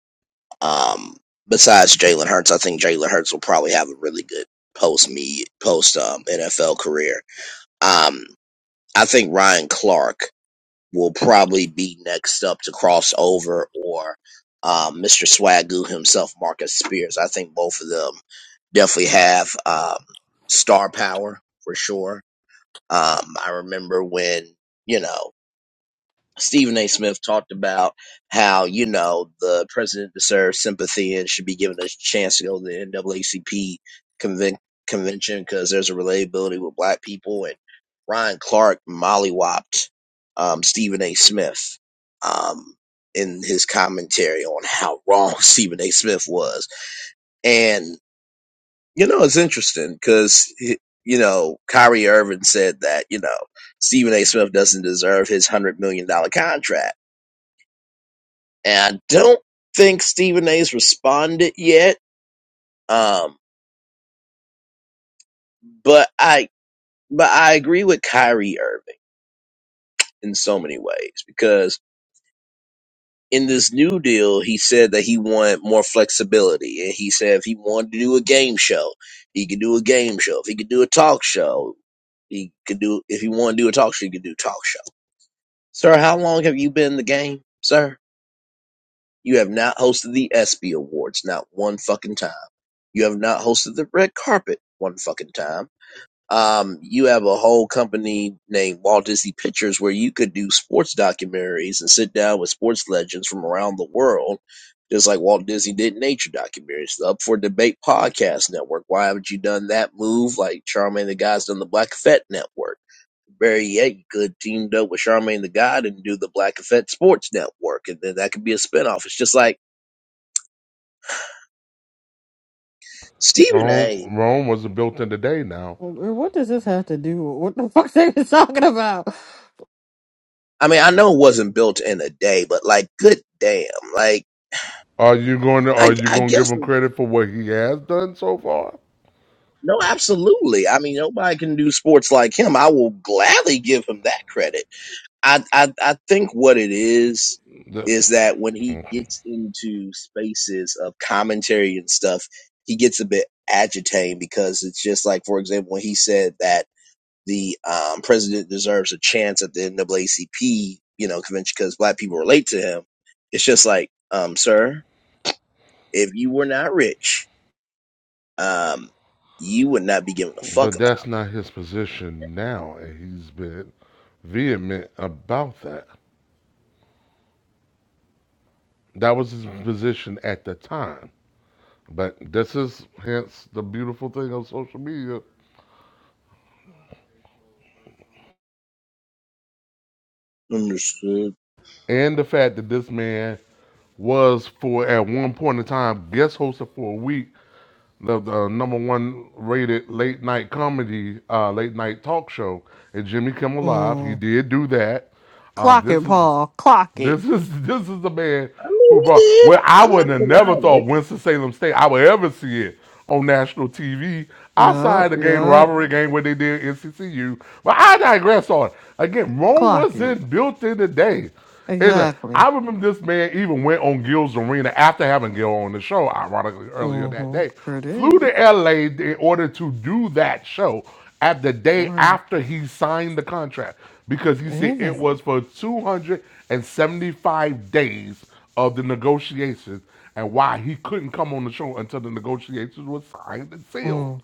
um, besides Jalen Hurts, I think Jalen Hurts will probably have a really good post me post um NFL career. Um, I think Ryan Clark will probably be next up to cross over or um, Mr. Swagoo himself, Marcus Spears. I think both of them definitely have um, star power for sure. Um, I remember when, you know. Stephen A. Smith talked about how, you know, the president deserves sympathy and should be given a chance to go to the NAACP conven- convention because there's a relatability with black people. And Ryan Clark mollywopped um, Stephen A. Smith um, in his commentary on how wrong Stephen A. Smith was. And, you know, it's interesting because, you know, Kyrie Irving said that, you know, Stephen A. Smith doesn't deserve his $100 million dollars contract and I don't think Stephen A's responded yet. Um, but I but I agree with Kyrie Irving in so many ways because in this new deal, he said that he wanted more flexibility, and he said if he wanted to do a game show, he could do a game show. If he could do a talk show, he could do. If he wanted to do a talk show, he could do a talk show. Sir, how long have you been in the game, sir? You have not hosted the ESPY Awards, not one fucking time. You have not hosted the red carpet one fucking time. Um, you have a whole company named Walt Disney Pictures where you could do sports documentaries and sit down with sports legends from around the world, just like Walt Disney did nature documentaries. The Up for Debate podcast network. Why haven't you done that move like Charmaine the God's done the Black Effect network? Barry Yet could have teamed up with Charmaine the God and do the Black Effect Sports Network, and then that could be a spinoff. It's just like Stephen A. Rome, Rome wasn't built in a day. Now, Or What does this have to do with what the fuck they was talking about? I mean, I know it wasn't built in a day, but like, good damn. Like, are you going to are I, you I going to give guess, him credit for what he has done so far? no, absolutely. I mean, nobody can do sports like him. I will gladly give him that credit. I, I, I think what it is, The, is that when he okay. gets into spaces of commentary and stuff, he gets a bit agitating because it's just like, for example, when he said that the um, president deserves a chance at the NAACP, you know, convention because black people relate to him. It's just like, um, sir, If you were not rich, um, you would not be given a fuck But about. that's not his position now, and he's been vehement about that. That was his position at the time. But this is hence the beautiful thing of social media Understood. and the fact that this man was for at one point in time guest hosted for a week the, the number one rated late night comedy uh, late night talk show at Jimmy Kimmel Live. He Mm. did do that. Um, Clock it, this is Paul. Clock it. This is this is the man I who mean, he brought. did. Well, I I'm not would have never denying it. thought Winston Salem State I would ever see it on national TV Yup, outside the game yup. robbery game where they did NCCU. But I digress on it. again. Rome Clock it. wasn't built in a day. It's a- Exactly. I remember this man even went on Gil's Arena after having Gil on the show, ironically earlier that Mm-hmm. day. Sure Flew did. to LA in order to do that show at the day Right. after he signed the contract because he said Yeah. it was for 275 days of the negotiations and why he couldn't come on the show until the negotiations were signed and sealed. Mm.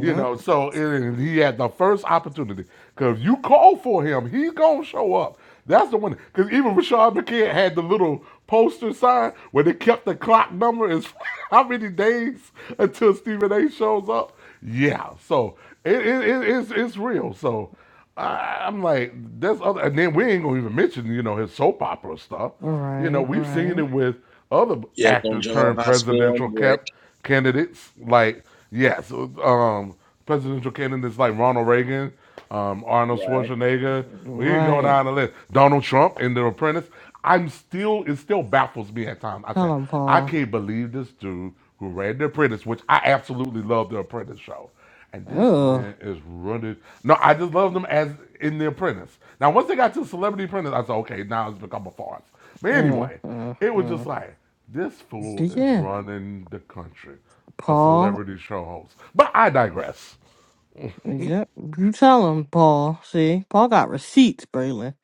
You know, so and he had the first opportunity because if you call for him, he's gonna show up. That's the one. Because even Rashad McKay had the little poster sign where they kept the clock number as how many days until Stephen A. shows up. Yeah, so it, it, it it's it's real. So I, I'm like, there's other, and then we ain't gonna even mention you know his soap opera stuff. You know, Right, we've seen right. it with other Yes, on actors General turn Hospital presidential and Brick. cap- candidates. Like, yes, um, presidential candidates like Ronald Reagan, um, Arnold Right. Schwarzenegger. We can go Right. down the list. Donald Trump in The Apprentice. I'm still, it still baffles me at times. I said, Tell him, I Paul. can't believe this dude who ran The Apprentice, which I absolutely love The Apprentice show. And this Ugh. man is running. No, I just love them as in The Apprentice. Now, once they got to Celebrity Apprentice, I said, okay, now it's become a farce. But Uh, anyway, uh, it was uh. just like, this fool But is yeah, running the country, a Paul. celebrity show host. But I digress. Yep. You tell him, Paul. See? Paul got receipts, Braylon.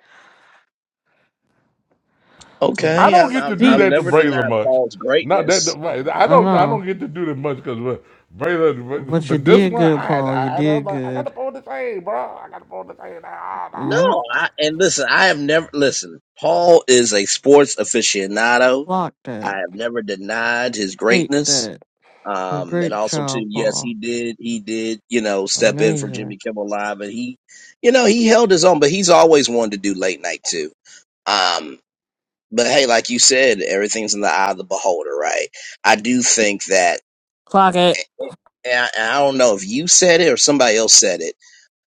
I Okay, don't I'm, get to I'm do I'm that to never Receipts. Braylon denied much. Paul's Not that greatness. right. I I don't. I know. don't get to do that much because Braylon. But, But you but this did one, good, I had. Paul. I You had. I was did like, I got to good. pull this thing, bro. I got to pull this thing. Ah, No, no, Yep. that's I, fine. and listen, I have never listen. Paul is a sports aficionado. Clock I that. have never denied his Ate greatness. that. Um, and Great also too, job, yes, Paul. he did, he did, you know, step in for Jimmy Amazing. Kimmel Live and he, you know, he held his own, but he's always wanted to do late night too. Um, but hey, like you said, everything's in the eye of the beholder, right? I do think that Clock it. and I, and I don't know if you said it or somebody else said it,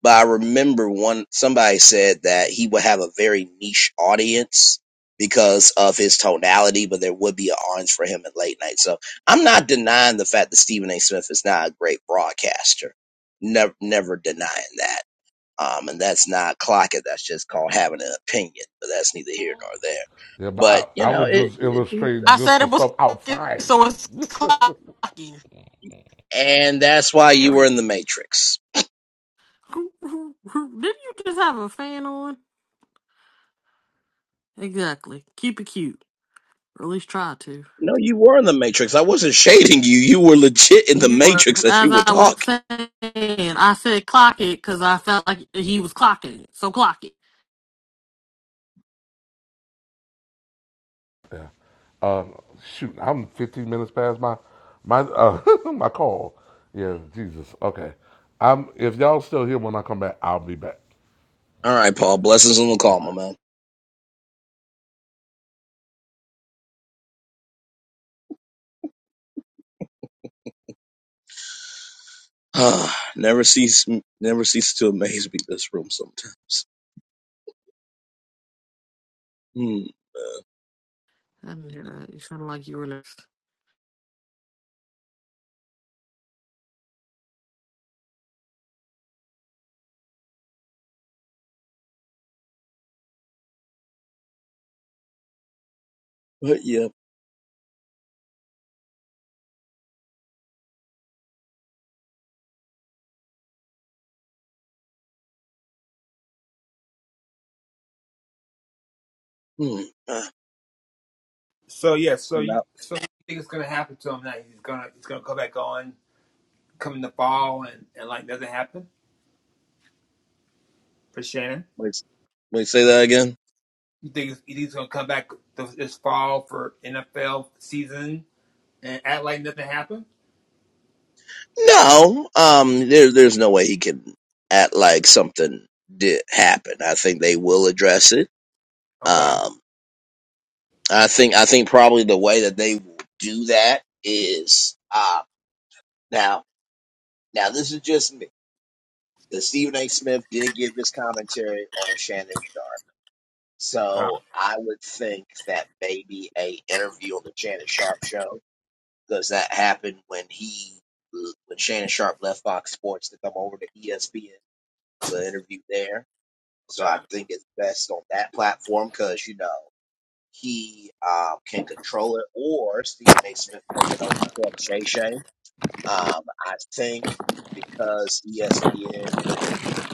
but I remember one somebody said that he would have a very niche audience because of his tonality, but there would be an audience for him at late night. So I'm not denying the fact that Stephen A. Smith is not a great broadcaster. Never, never denying that. Um, and that's not clocking. That's just called having an opinion. But that's neither here nor there. Yeah, but But I, you I know, was it, just it illustrating I just said the it was stuff clocking, outside. so it's clocking. and that's why you were in the Period. Matrix. Who- who- who- Didn't you just have a fan on? Exactly. Keep it cute. Or at least try to. No, you were in the Matrix. I wasn't shading you. You were legit in the You were. Matrix as As you were I was talking. saying, I said clock it because I felt like he was clocking it. So clock it. uh, shoot, I'm 15 minutes past my my uh, my call. Yeah, Jesus. Okay. I'm, if y'all still here when I come back, I'll be back. All right, Paul. Blessings on the call, All my right. man. Ah, never cease, never cease to amaze me. This room sometimes. Hmm. I didn't hear that. You sounded like you were. But yeah. Hmm. Ah, So yeah, so and you, now, so you think it's gonna happen to him now? He's gonna, he's gonna come back on, come in the fall, and and like nothing happened for Shannon. wait, wait, say that again. You think he's, gonna come back this fall for NFL season and act like nothing happened? No. Um. There, there's no way he can act like something did happen. I think they will address it. Okay. Um. I think. I think probably the way that they will do that is. Uh, now Now, this is just me. Because Stephen A. Smith did give his commentary on Shannon Sharp. Okay. So I would think that maybe a interview on the Shannon Sharp show, because that happened when he when Shannon Sharp left Fox Sports to come over to ESPN. So an interview there. So I Okay. think it's best on that platform because you know he um, can control it, or Stephen A. Smith taking over Club Shay Shay. Um, I think because ESPN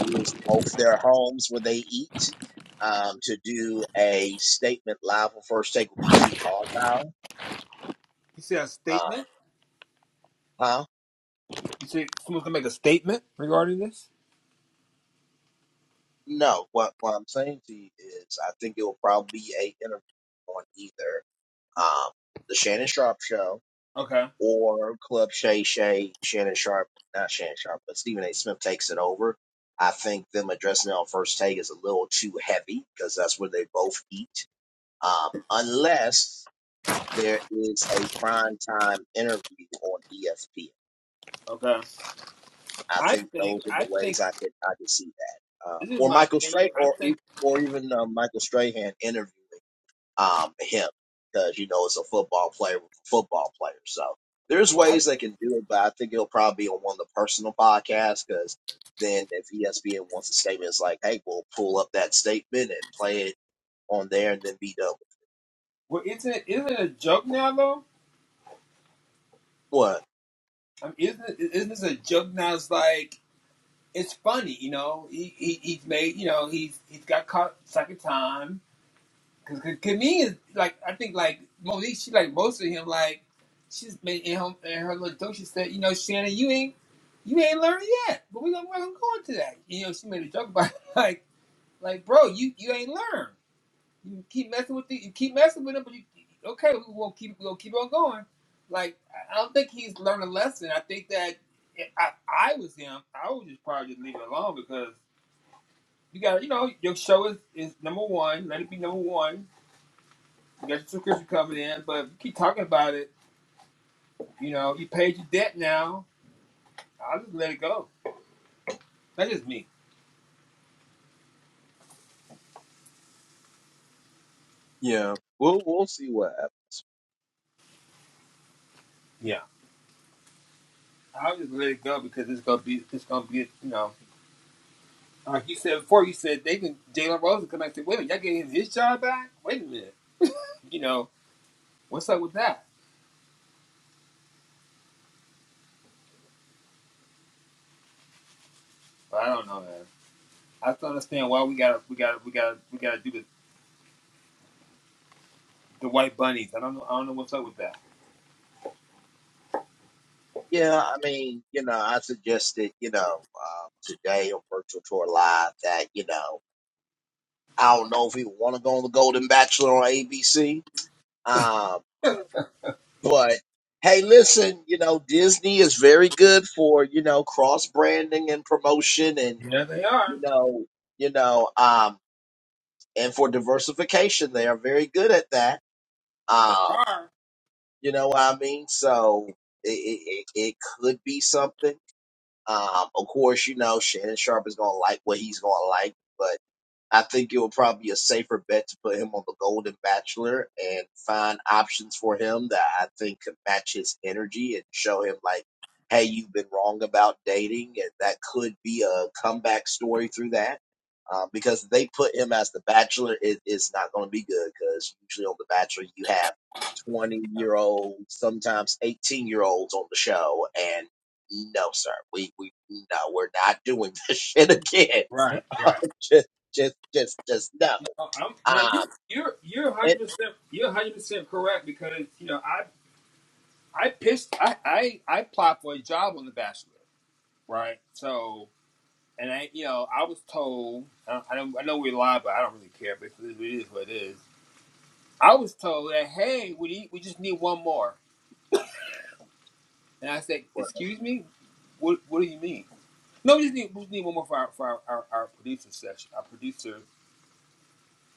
is both their homes where they eat. Um, to do a statement live on first take would be too volatile. You see a Uh, statement? huh? You see someone's gonna make a statement regarding this? No. What what I'm saying to you is, I think it will probably be a interview on either um, the Shannon Sharp show Okay. or Club Shay Shay Shannon Sharp, not Shannon Sharp, but Stephen A. Smith takes it over. I think them addressing it on first take is a little too heavy because that's where they both eat. Um, unless there is a prime time interview on ESPN. Okay. I I think think those are I the think ways I could I could see that, uh, this is or my Michael opinion. Stray, I or think e- or even uh, Michael Strahan interviewing um, him because you know it's a football player with a football player. So there's well, I, ways they can do it, but I think it'll probably be on one of the personal podcasts because then if ESPN wants a statement, it's like, hey, we'll pull up that statement and play it on there, and then be done. with well isn't it isn't it a joke now though? What? I mean, isn't it, isn't this a joke now? It's like it's funny, you know. He, he he's made you know he's he's got caught second time Cause, cause, cause me is like I think like Monique, she like most of him like she's made in her in her little joke. She said, you know, Shannon, you ain't you ain't learned yet, but we gonna we're gonna go into that. You know, she made a joke about it, like like bro, you you ain't learned. You keep messing with the, you keep messing with him, but you okay, we will keep we'll keep on going. Like I I don't think he's learned a lesson. I think that if I I was him, I would just probably just leave it alone because you got you know your show is is number one. Let it be number one you Got your subscription coming in, but if you keep talking about it. You know, you paid your debt now. I'll just let it go. That is just me. Yeah, we'll we'll see what. Yeah, I'll just let it go because it's gonna be, it's gonna be, you know, like you said before. You said they can Jalen Rose come back and say, "Wait a minute, y'all getting his job back? Wait a minute, you know, what's up with that?" But I don't know, man. I don't understand why we gotta, we gotta, we gotta, we gotta do the, the white bunnies. I don't know, I don't know what's up with that. Yeah, I mean, you know, I suggested, you know, um, today on Virtual Tour Live that, you know, I don't know if we want to go on the Golden Bachelor on ABC, um, but hey, listen, you know, Disney is very good for, you know, cross branding and promotion and, Yeah, they are. you know, you know, um, and for diversification, they are very good at that. Um, Are you know what I mean? So it, it, it it could be something. Um, of course, you know, Shannon Sharp is going to like what he's going to like, but I think it will probably be a safer bet to put him on the Golden Bachelor and find options for him that I think could match his energy and show him like, hey, you've been wrong about dating, and that could be a comeback story through that. Um, because they put him as the Bachelor, it, it's not going to be good because usually on the Bachelor you have twenty year olds, sometimes eighteen year olds on the show, and no, sir, we we no, we're not doing this shit again right, right. just just just just no. Uh, I'm, now you Um, you're you're it, 100 percent you're 100 percent correct because you know I I pissed I I I applied for a job on the Bachelor right so and I you know I was told I, I don't I know we lied but I don't really care because it is what it is I was told that hey we need, we just need one more and I said right, excuse me what what do you mean no we just need we just need one more for our for our, our, our producer session our producer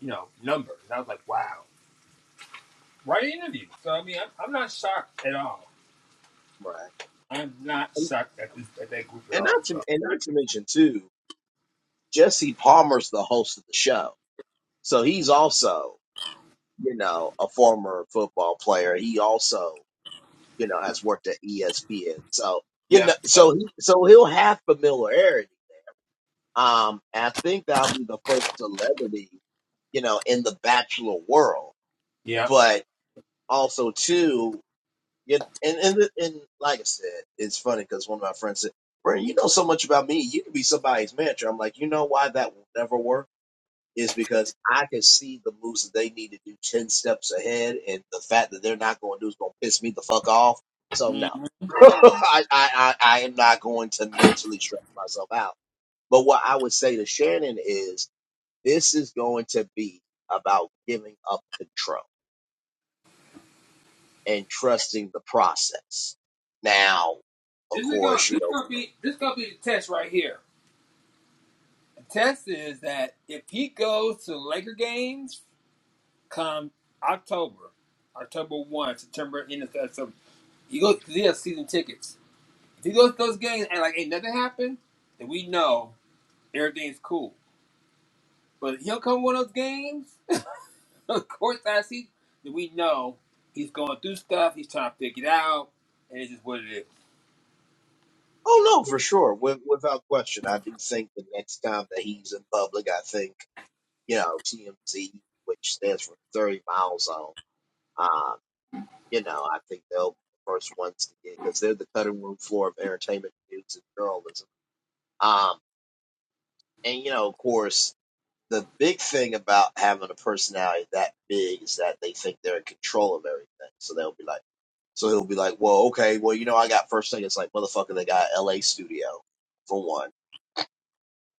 you know number and I was like wow right interview so I mean I'm, I'm not shocked at all right, I'm not and, shocked at this at that group at and all. not to So and not to mention too, Jesse Palmer's the host of the show, so he's also you know a former football player. He also you know has worked at ESPN, so you Yeah. know so he so he'll have familiarity. Um, I think that'll be the first celebrity you know in the Bachelor world, yeah, but also too. Yeah, and and and like I said, it's funny because one of my friends said, "Brandon, you know so much about me. You could be somebody's mentor." I'm like, you know why that will never work is because I can see the moves that they need to do ten steps ahead, and the fact that they're not going to do is going to piss me the fuck off. So no, Mm-hmm. I, I I I am not going to mentally stress myself out. But what I would say to Shannon is, this is going to be about giving up control and trusting the process. Now, of This is gonna course, you this is know, gonna be this is gonna be the test right here. The test is that if he goes to Laker games come October, October one, September end of September, he goes because he has season tickets. If he goes to those games and like ain't nothing happened, then we know everything's cool. But if he'll come one of those games, of course I see then we know he's going through stuff, he's trying to figure it out, and it's just what it is. oh no, for sure, with, without question, I do think the next time that he's in public, I think you know TMZ, which stands for Thirty Mile Zone, um, you know, I think they'll be the first ones to get because they're the cutting room floor of entertainment news and journalism. Um, and you know, of course. The big thing about having a personality that big is that they think they're in control of everything. So they'll be like So he'll be like, well, okay, well, you know, I got first thing. It's like, motherfucker, they got LA studio for one.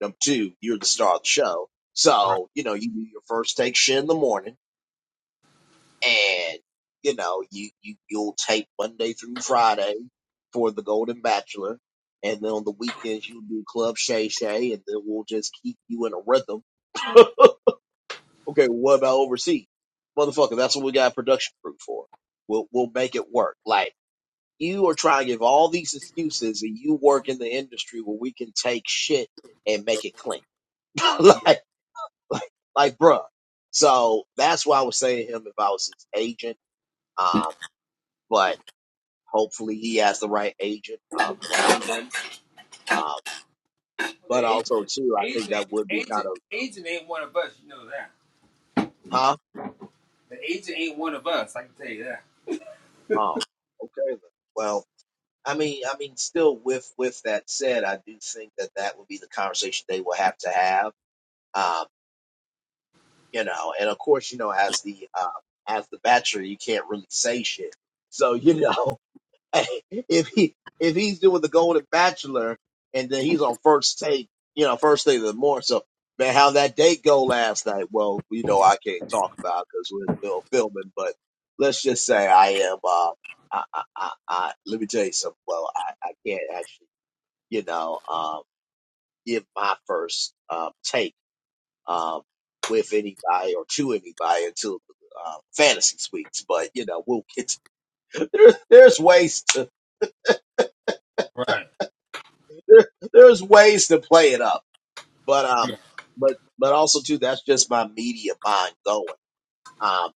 Number two, you're the star of the show. So, you know, you do your first take shit in the morning and, you know, you, you, you'll tape Monday through Friday for the Golden Bachelor. And then on the weekends, you'll do Club Shay Shay and then we'll just keep you in a rhythm. okay, what about overseas? Motherfucker, that's what we got a production crew for. We'll, we'll make it work. Like, You are trying to give all these excuses, and you work in the industry where we can take shit and make it clean. like, like, like, bruh. So that's why I was saying to him if I was his agent. Um, but hopefully he has the right agent um, around him. Um, Well, but the agent, also too, I think agent, that ain't- would be kind agent, of, agent ain't one of us. You know that. huh? The agent ain't one of us. I can tell you that. Oh, okay. then. Well, I mean, I mean, still with with that said, I do think that that would be the conversation they will have to have. Um, you know. And of course, you know, as the uh, as the bachelor, you can't really say shit. So you know, if he if he's doing the Golden Bachelor and then he's on first take, you know, first thing of the morning. So man, how that date go last night? Well, you know, I can't talk about because we're still filming. But let's just say I am. Uh, I, I, I, I let me tell you something. Well, I, I can't actually, you know, um, give my first um, take um, with anybody or to anybody until uh, fantasy suites. But you know, we'll get there's there's ways to Right. there, there's ways to play it up. But um, Yeah. but but also too, that's just my media mind going. Um,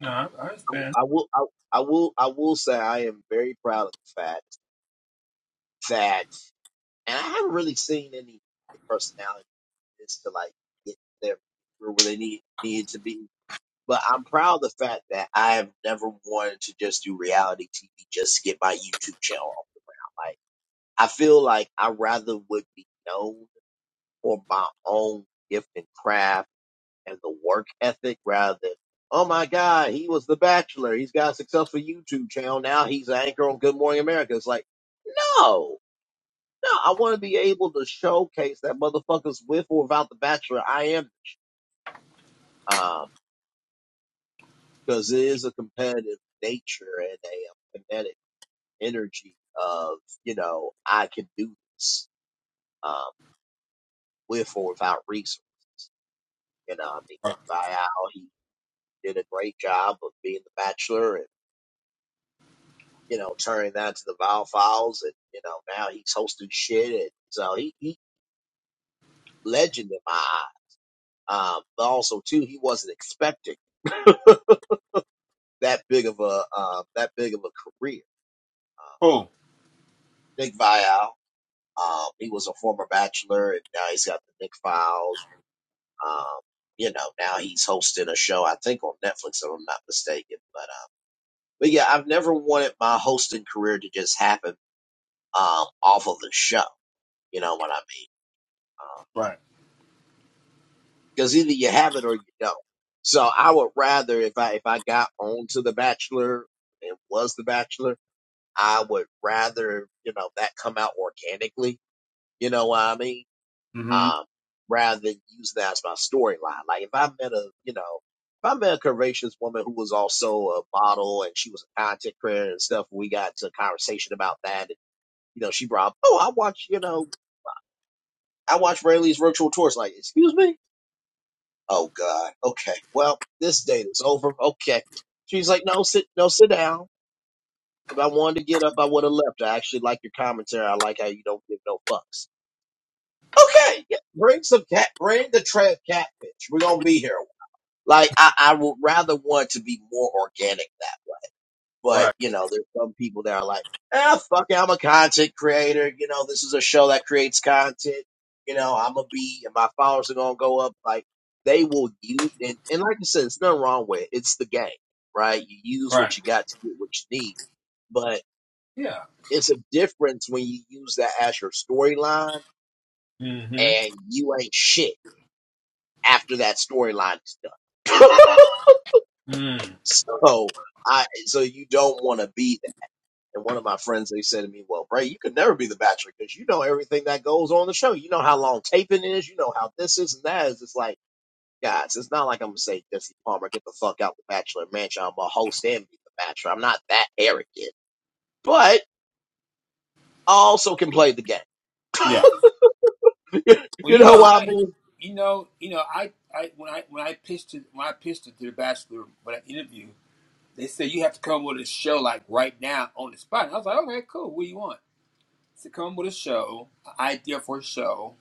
No, I, I I, understand. I will I, I will I will say I am very proud of the fact that, and I haven't really seen any personality as to like get there where they need need to be But I'm proud of the fact that I have never wanted to just do reality TV just to get my YouTube channel off. Like I feel like I rather would be known for my own gift and craft and the work ethic rather than oh my god he was the Bachelor he's got a successful YouTube channel now he's an anchor on Good Morning America. It's like no no I want to be able to showcase that motherfuckers with or without the Bachelor I am um because it is a competitive nature and a a kinetic energy of, you know, I can do this, um, with or without resources. You know, I mean, Right. Nick Vial, he did a great job of being the bachelor and, you know, turning that to the Vile Files. And, you know, now he's hosting shit. And so he, he legend in my eye. Um, but also too, he wasn't expecting that big of a, um, that big of a career. Uh, Cool. Nick Vial, um, he was a former bachelor and now he's got the Nick Files Um, you know, now he's hosting a show, I think on Netflix, if I'm not mistaken. But, uh, but yeah, I've never wanted my hosting career to just happen, um, off of the show. You know what I mean? Right. Because Um, cause either you have it or you don't. So I would rather, if I, if I got onto The Bachelor and was The Bachelor, I would rather, you know, that come out organically. You know what I mean? Mm-hmm. um, rather than use that as my storyline. Like if I met a, you know, if I met a courageous woman who was also a model and she was a content creator and stuff, we got to a conversation about that. And, you know, she brought, up, oh, I watch, you know, I watch Rayleigh's virtual tours. Like, excuse me? Oh God. Okay. Well, this date is over. Okay. She's like, no, sit, no, sit down. If I wanted to get up, I would have left. I actually like your commentary. I like how you don't give no fucks. Okay, yeah, bring some cat, bring the trap catfish. We're gonna be here. Like I, I would rather want to be more organic that way. But Right. you know, there's some people that are like, ah, fuck it, I'm a content creator. You know, this is a show that creates content. You know, I'm gonna be, and my followers are gonna go up. Like they will use, and, and like I said, there's nothing wrong with it. It's the game, right? You use Right. what you got to get what you need, but Yeah. it's a difference when you use that as your storyline Mm-hmm. and you ain't shit after that storyline is done. Mm. So I so you don't want to be that. And one of my friends they said to me, "Well, Bray, you could never be the Bachelor because you know everything that goes on the show. You know how long taping is. You know how this is and that is. It's like, guys, it's not like I'm gonna say Jesse Palmer, get the fuck out the Bachelor mansion. I'm a host and be the Bachelor. I'm not that arrogant, but I also can play the game. Yeah. Well, you you know know, what I I, mean? you know, you know, I, I, when I, when I pitched it, when I pitched it to the Bachelor, when I interviewed, they said you have to come up with a show like right now on the spot. And I was like, okay, cool. What do you want? To come up with a show, an idea for a show,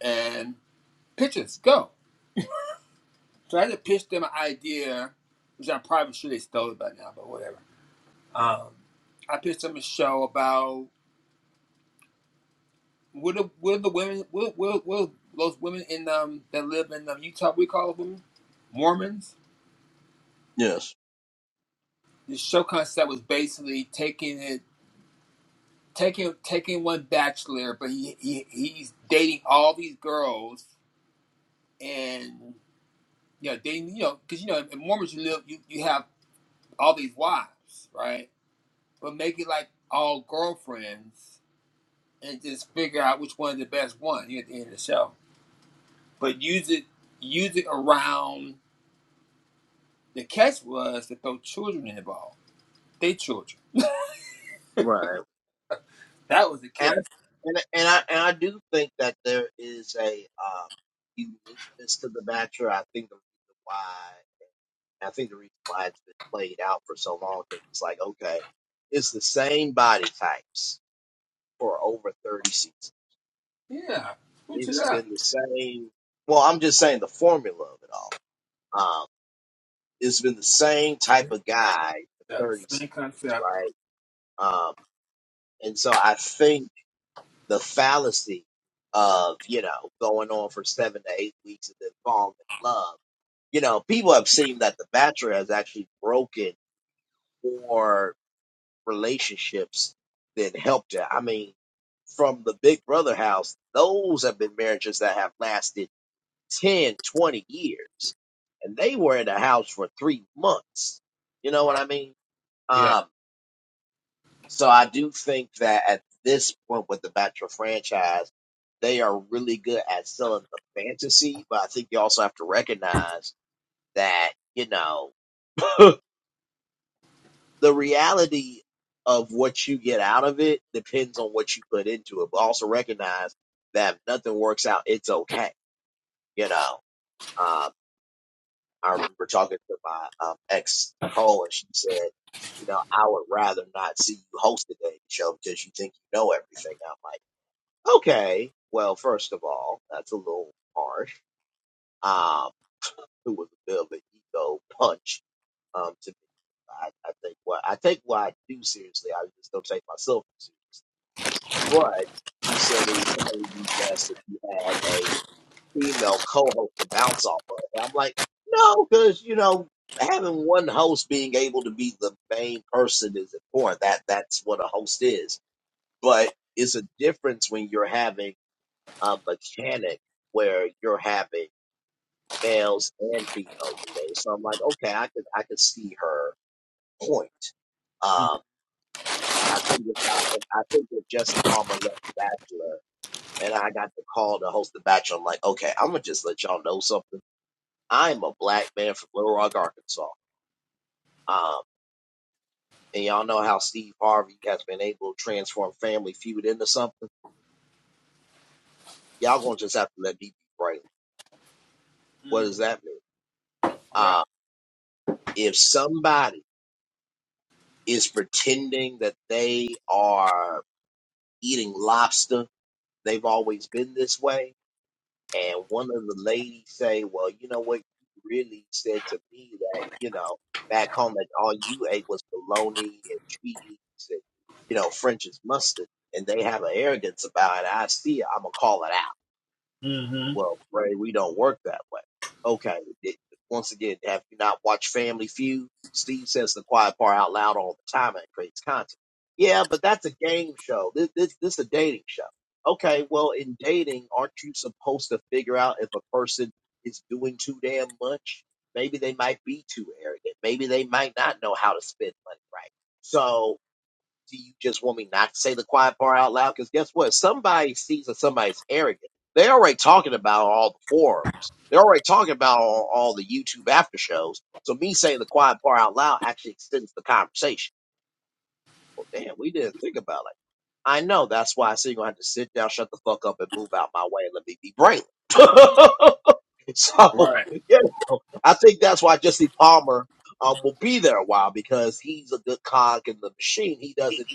and pitches. Go. So I had to pitch them an idea, which I am probably sure they stole it by now, but whatever. Um, I pitched them a show about will the will the women will will, will those women in um that live in um, Utah we call them Mormons. Yes. The show concept was basically taking it taking taking one bachelor, but he, he he's dating all these girls and you know dating you know because you know in Mormons you live you, you have all these wives right, but make it like all girlfriends and just figure out which one is the best one here at the end of the show. But use it use it around the catch was to throw children in the ball. They children. Right. That was the and catch. and and I and I do think that there is a uh, uniqueness to the bachelor. I think the reason why I think the reason why it's been played out for so long because it's like okay, it's the same body types for over thirty seasons. Yeah. Switch it It's up. been the same. Well, I'm just saying the formula of it all. Um, it's been the same type of Same guy for concept. thirty Same seasons, concept. right? Um, and so I think. the fallacy of you know going on for seven to eight weeks and then falling in love. You know, people have seen that The Bachelor has actually broken more relationships than helped it. I mean, from the Big Brother house, those have been marriages that have lasted 10, 20 years, and they were in the house for three months. You know Wow. what I mean? Yeah. Um, So I do think that at this point with the Bachelor franchise, they are really good at selling the fantasy, but I think you also have to recognize that, you know, the reality of what you get out of it depends on what you put into it, but also recognize that if nothing works out, it's okay. You know, um, I remember talking to my um, ex Cole, and she said, you know, I would rather not see you host the dating show because you think you know everything. I'm like. Okay. Well, first of all, that's a little harsh. Um, it was a bit of an ego punch. Um, to me, I, I think what I take what I do seriously. I just don't take myself seriously. But she said it would probably be best if you had a female co-host to bounce off of. And I'm like, no, because you know, having one host being able to be the main person is important. That that's what a host is. But it's a difference when you're having a mechanic where you're having males and females today. So I'm like, okay, I could I could see her point. Um, I think if I, if I think if Jesse Palmer left The Bachelor and I got the call to host The Bachelor, I'm like, okay, I'm gonna just let y'all know something. I'm a black man from Little Rock, Arkansas. Um, and y'all know how Steve Harvey has been able to transform Family Feud into something. Y'all gonna just have to let me be right. What Mm-hmm. does that mean? Yeah. Uh, if somebody is pretending that they are eating lobster. They've always been this way. And one of the ladies say, Well, you know what? You really said to me that, you know, back home that all you ate was bologna and cheese and, you know, French's mustard. And they have an arrogance about it. I see it. I'm going to call it out. Mm-hmm. Well, Ray, we don't work that way. Okay. it- once again, have you not watched Family Feud? Steve says the quiet part out loud all the time and creates content. Yeah, but that's a game show. This, this, this is a dating show. Okay. Well, in dating, aren't you supposed to figure out if a person is doing too damn much? Maybe they might be too arrogant. Maybe they might not know how to spend money right. So do you just want me not to say the quiet part out loud? Because guess what? If Somebody sees that somebody's arrogant. They're already talking about all the forums. They're already talking about all, all the YouTube after shows. So me saying the quiet part out loud actually extends the conversation. Well, damn, we didn't think about it. I know. That's why I said you're going to have to sit down, shut the fuck up, and move out my way and let me be brainless. So, Right. you know, I think that's why Jesse Palmer um, will be there a while because he's a good cog in the machine. He doesn't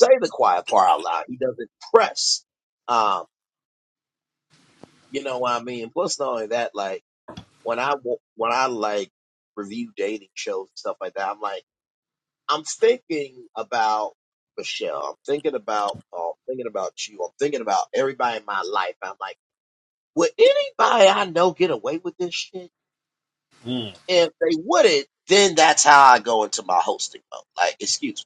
say the quiet part out loud. He doesn't press. Um, you know what I mean? Plus, not only that, like when I wa- when I like review dating shows and stuff like that, I'm like I'm thinking about Michelle. I'm thinking about oh, I'm thinking about you. I'm thinking about everybody in my life. I'm like, would anybody I know get away with this shit? if they wouldn't, then that's how I go into my hosting mode. Like, excuse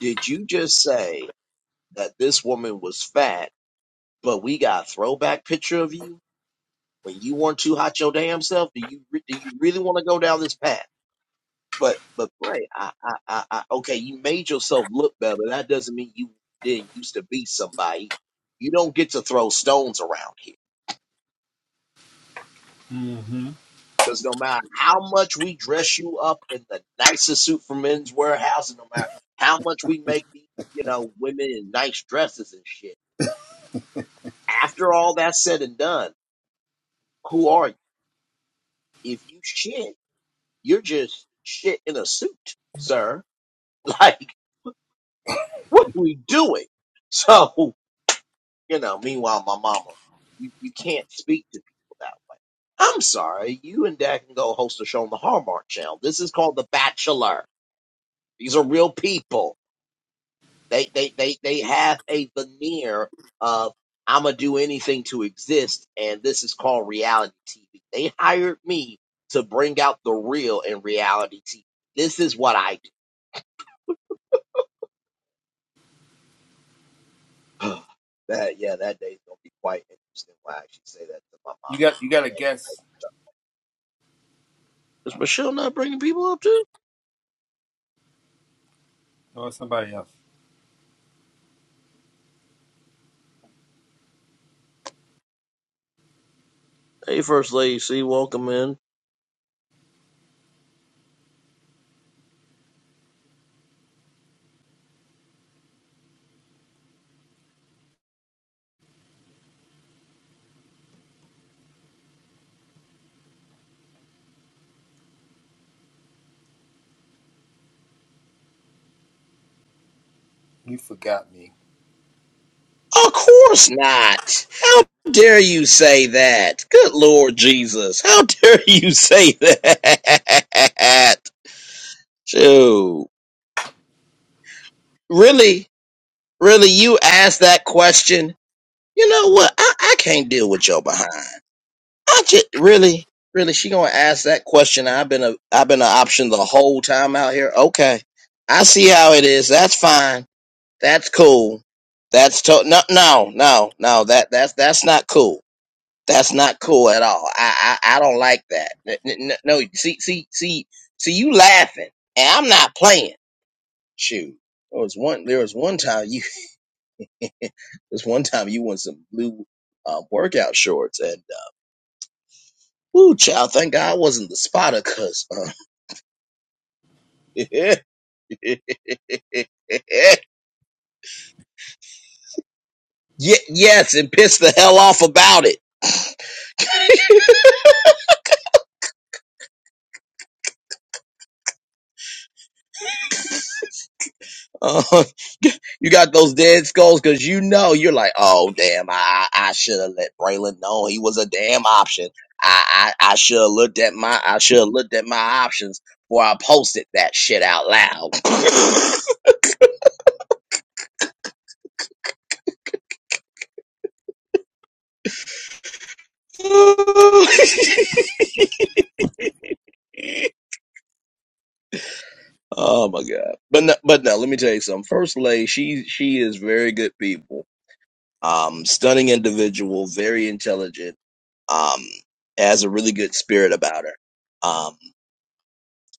me, did you just say that this woman was fat, but we got a throwback picture of you when you weren't too hot your damn self? Do you re- do you really want to go down this path? But but Bray, I, I I I okay, you made yourself look better. That doesn't mean you didn't used to be somebody. You don't get to throw stones around here. Mm-hmm. Because no matter how much we dress you up in the nicest suit from men's warehouse, and no matter how much we make these, you know, women in nice dresses and shit, after all that's said and done, who are you? If you shit, you're just shit in a suit, sir. Like, what are we doing? So, you know, meanwhile, my mama, you, you can't speak to people that way. I'm sorry, you and Dad can go host a show on the Hallmark Channel. This is called The Bachelor. These are real people. They they they they have a veneer of I'm gonna do anything to exist, and this is called reality TV. They hired me to bring out the real in reality TV. This is what I do. that yeah, that day's gonna be quite interesting when I actually say that to my You mom. got you got And a then, guess is Michelle not bringing people up too? or somebody else. Hey, First Lady, see, welcome in. You forgot me. Of course not. How dare you say that? Good Lord Jesus. How dare you say that? Shoot. Really, really, you asked that question. You know what? I, I can't deal with your behind. I just really, really, she gonna ask that question. I've been a I've been an option the whole time out here. Okay. I see how it is. That's fine. That's cool. That's to- no no no no that that's that's not cool. That's not cool at all. I I, I don't like that. N- n- n- No, see see see see you laughing and I'm not playing. Shoot. There was one. There was one time you. This one time you won some blue uh, workout shorts, and uh, woo, child, thank God I wasn't the spotter, cause uh, yeah, yes, and pissed the hell off about it. Uh, you got those dead skulls because you know you're like, oh damn, I I should have let Braylon know he was a damn option. I I, I should have looked at my I should have looked at my options before I posted that shit out loud. Oh my God! But no, but no, let me tell you something. First Lady, she she is very good people. Um, stunning individual, very intelligent. Um, has a really good spirit about her. Um,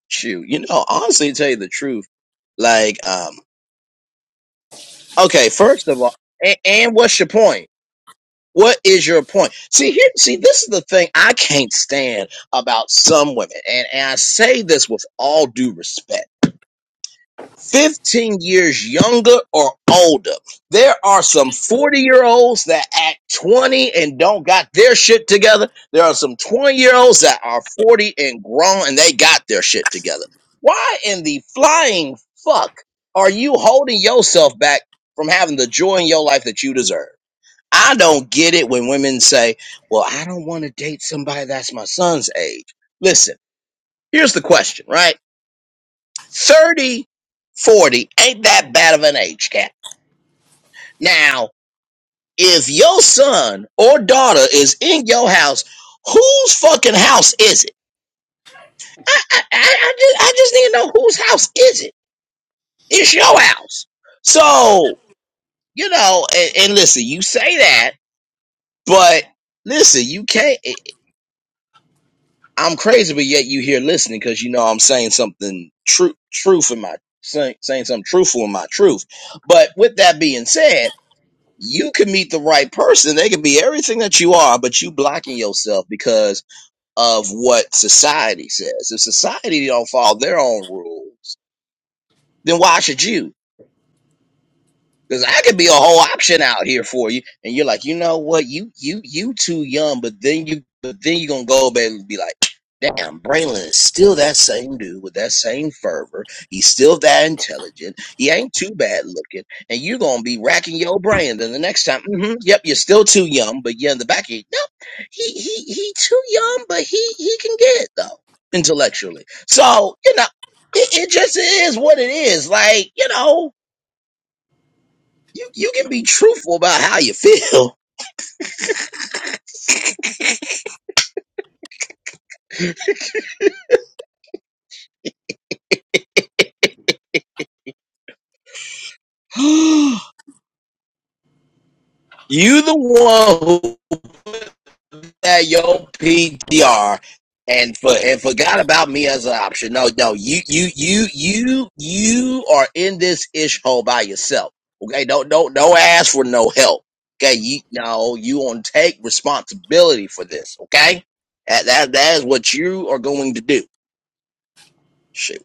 shoot, you know, honestly, to tell you the truth, like, um, okay, first of all, and, and what's your point? What is your point? See here, see this is the thing I can't stand about some women, and and I say this with all due respect 15 years younger or older. There are some 40 year olds that act 20 and don't got their shit together. There are some 20 year olds that are 40 and grown and they got their shit together. Why in the flying fuck are you holding yourself back from having the joy in your life that you deserve? I don't get it when women say, well, I don't want to date somebody that's my son's age. Listen, here's the question, right? 30, 40 ain't that bad of an age gap. Now, if your son or daughter is in your house, whose fucking house is it? I, I, I, I, just, I just need to know whose house is it? It's your house. So, you know, and, and listen, you say that, but listen, you can't. eh, eh, I'm crazy, but yet you here listening because you know I'm saying something true, truth in my saying, saying something truthful in my truth. But with that being said, you can meet the right person. They can be everything that you are, but you blocking yourself because of what society says. If society don't follow their own rules, then why should you? Cause I could be a whole option out here for you, and you're like, you know what, you you you too young. But then you but then you gonna go back and be like, damn, Braylon is still that same dude with that same fervor. He's still that intelligent. He ain't too bad looking, and you gonna be racking your brain. Then the next time, hmm yep, you're still too young. But yeah, in the back, of you, no, he he he too young, but he he can get it though intellectually. So you know, it, it just is what it is. Like you know. You you can be truthful about how you feel. you the one who put that your PTR and for and forgot about me as an option. No, no, you you you you you are in this ish hole by yourself. Okay, don't don't don't ask for no help. Okay, you no, you want to take responsibility for this. Okay, that that, that is what you are going to do. Shoot.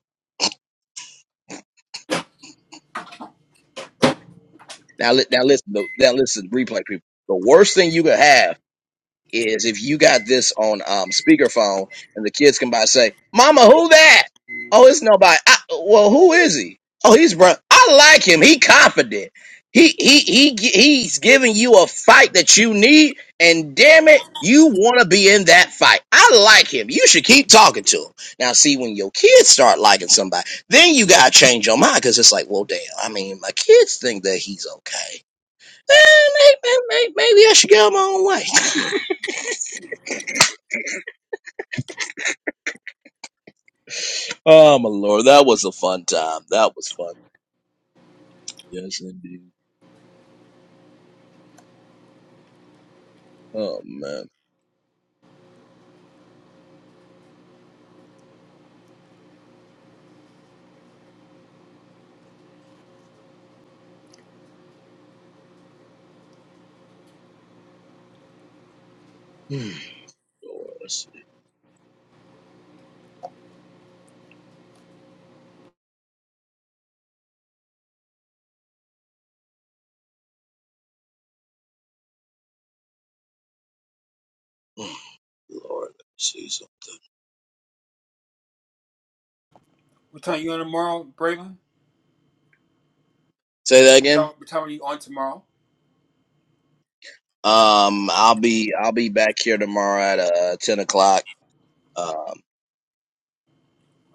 Now, li- now listen. Now listen. Replay people. The worst thing you could have is if you got this on um, speakerphone and the kids come by and say, "Mama, who that?" Oh, it's nobody. I, well, who is he? Oh, he's Brian. I like him. He confident. He he he gi- he's giving you a fight that you need, and damn it, you want to be in that fight. I like him. You should keep talking to him. Now, see when your kids start liking somebody, then you gotta change your mind because it's like, well, damn. I mean, my kids think that he's okay. Eh, may- may- may- Maybe I should go my own way. Oh my lord, that was a fun time. That was fun. Yes, indeed. Oh man. Hmm. Lord, let's see. Hmm. Lord, let me see some. What time you on tomorrow, Braylon? Say that What again. time what time are you on tomorrow? Um, I'll be I'll be back here tomorrow at uh ten o'clock. Um,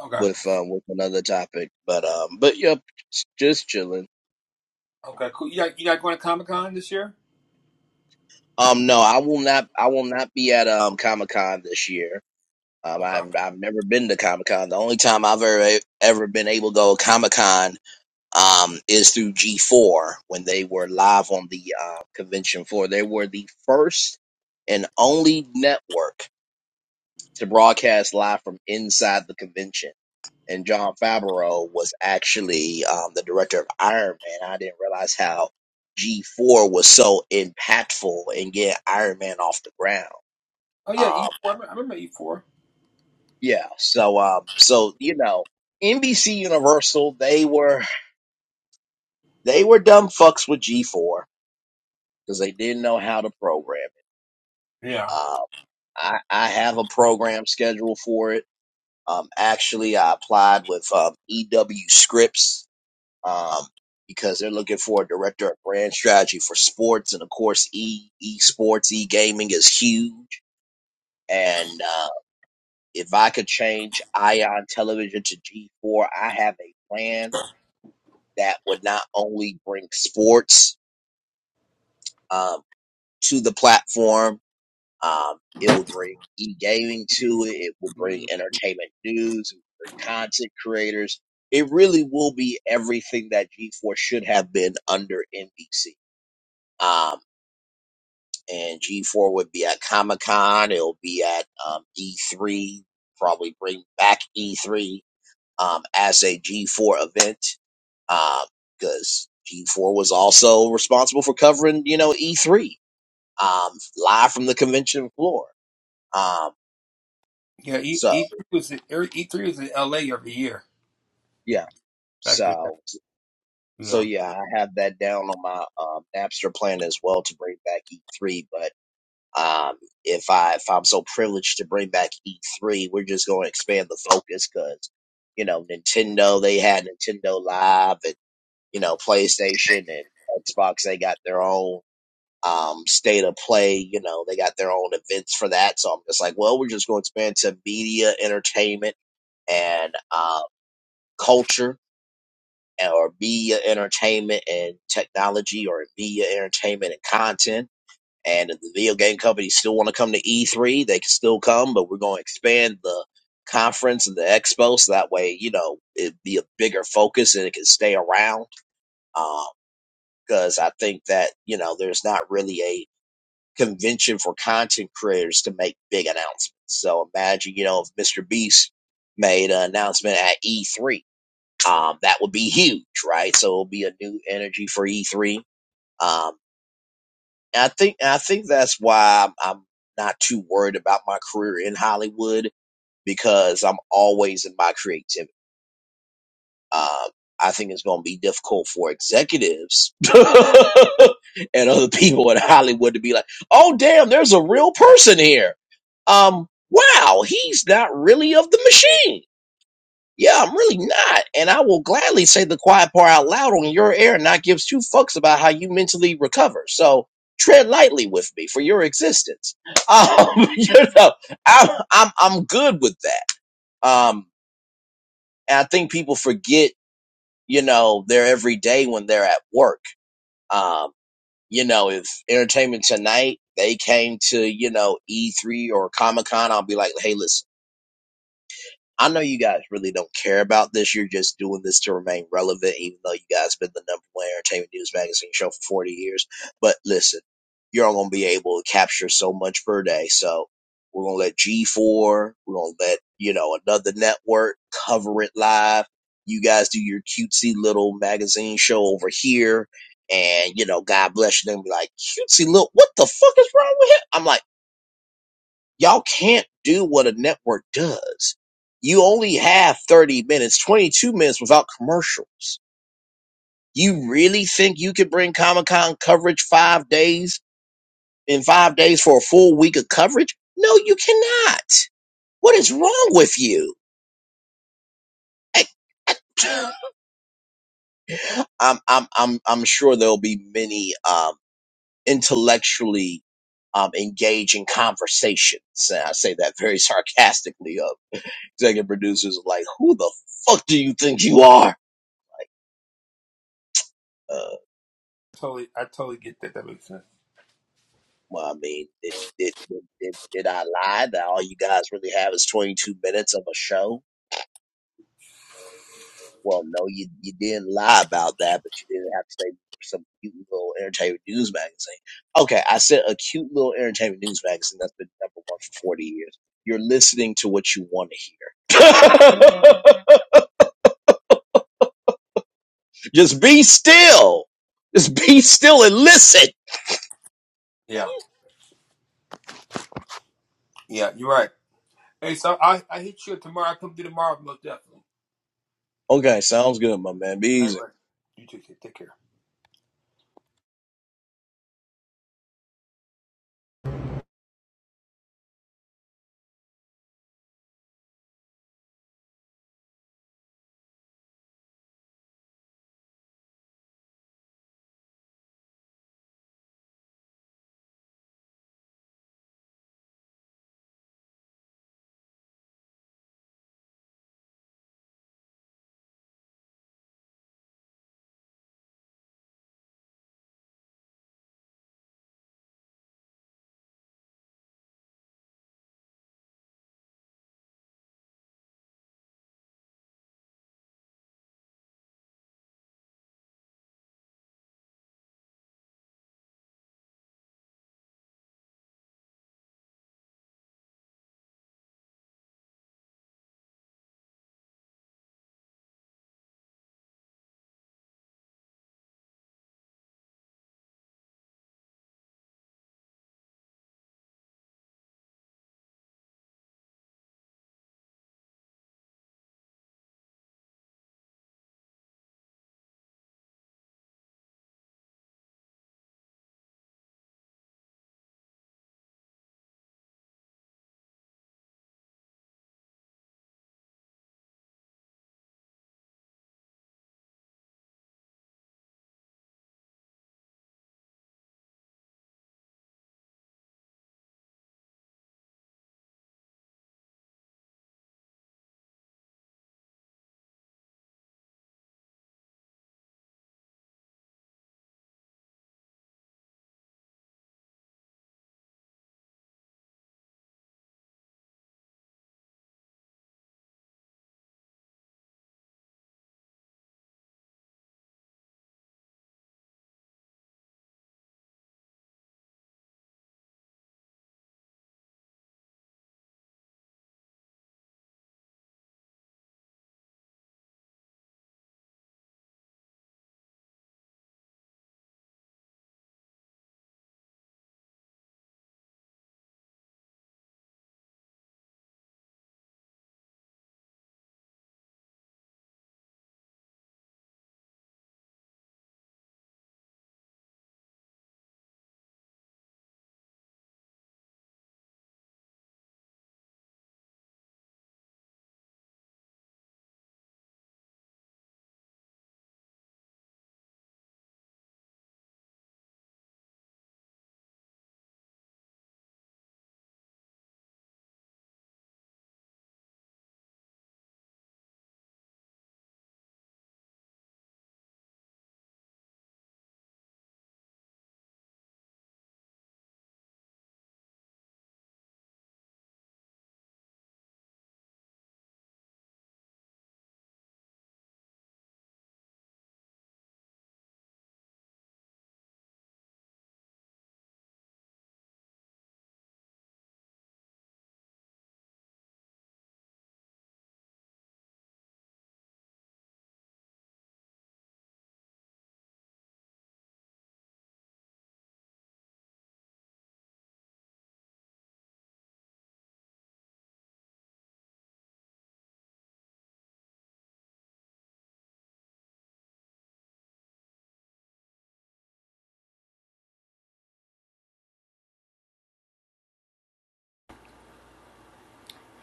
Okay. with um with another topic, but um, but yep, s- just chilling. Okay, cool. You not you not going to Comic Con this year? Um, no, I will not. I will not be at um Comic Con this year. Um, Okay. I've I've never been to Comic Con. The only time I've ever ever been able to go Comic Con um, is through G4 when they were live on the uh, convention floor. They were the first and only network to broadcast live from inside the convention. And John Favreau was actually um, the director of Iron Man. I didn't realize how G4 was so impactful in getting Iron Man off the ground. Oh yeah, E Um, four. I remember E four. yeah, so um, so you know, NBC Universal they were they were dumb fucks with G4 because they didn't know how to program it. Yeah, Um, I, I have a program schedule for it. Um, actually, I applied with um, EW Scripts um, because they're looking for a director of brand strategy for sports, and of course, e esports, e gaming is huge. And uh, if I could change Ion Television to G4, I have a plan that would not only bring sports um, to the platform Um, it will bring e-gaming to it. It will bring entertainment news, it will bring content creators. It really will be everything that G4 should have been under NBC. Um, and G4 would be at Comic Con. It'll be at um, E3. Probably bring back E3 um, as a G4 event because G4 was also responsible for covering, you know, E3 um, live from the convention floor. Um, yeah. E E so three was in, E three was in L.A. every year yeah. back in the day. So, so Yeah, yeah, I have that down on my um, Napster plan as well to bring back E3. But um, if I if I'm so privileged to bring back E3, we're just going to expand the focus because you know Nintendo they had Nintendo Live and you know PlayStation and Xbox they got their own um state of play. You know they got their own events for that. So I'm just like, well, we're just going to expand to media, entertainment, and uh, culture or media entertainment and technology or media entertainment and content. And if the video game companies still want to come to E3, they can still come, but we're going to expand the conference and the expo so that way, you know, it'd be a bigger focus and it can stay around. Because I think that, you know, there's not really a convention for content creators to make big announcements. So imagine, you know, if Mr. Beast made an announcement at E3 um, that would be huge, right? So it'll be a new energy for E3. Um, and I think and I think that's why I'm, I'm not too worried about my career in Hollywood because I'm always in my creativity. Um, I think it's going to be difficult for executives and other people in Hollywood to be like, "Oh, damn, there's a real person here." Um, wow, he's not really of the machine Yeah, I'm really not. And I will gladly say the quiet part out loud on your air and not give two fucks about how you mentally recover. So tread lightly with me for your existence. Um, you know, I'm, I'm, I'm good with that. Um, and I think people forget, you know, their everyday when they're at work. Um, you know, if Entertainment Tonight, they came to, you know, E3 or Comic Con, I'll be like, hey, listen. I know you guys really don't care about this. You're just doing this to remain relevant, even though you guys have been the number one entertainment news magazine show for 40 years. But listen, you're only going to be able to capture so much per day. So we're going to let G4, we're going to let, you know, another network cover it live. You guys do your cutesy little magazine show over here. And, you know, God bless you. Then be like, cutesy little, what the fuck is wrong with him? I'm like, Y'all can't do what a network does. You only have 30 minutes, 22 minutes without commercials. You really think you could bring Comic Con coverage five days in five days for a full week of coverage? No, you cannot. What is wrong with you? I- I'm, I'm, I'm, I'm sure there'll be many um, intellectually um, engage in conversations. And I say that very sarcastically of executive producers like, who the fuck do you think you are? Uh, totally. I totally get that. That makes sense. well, I mean, did, did, did, did did I lie that all you guys really have is 22 minutes of a show? Well, no, you, you didn't lie about that, but you didn't have to say some cute little entertainment news magazine. Okay, I said a cute little entertainment news magazine that's been number one for 40 years. You're listening to what you want to hear. Just be still. Just be still and listen. Yeah, yeah. You're right. Hey, so I I hit you up tomorrow. I come through tomorrow, most definitely. Okay, sounds good, my man. Be All right, easy. right. You too. kid. Take care.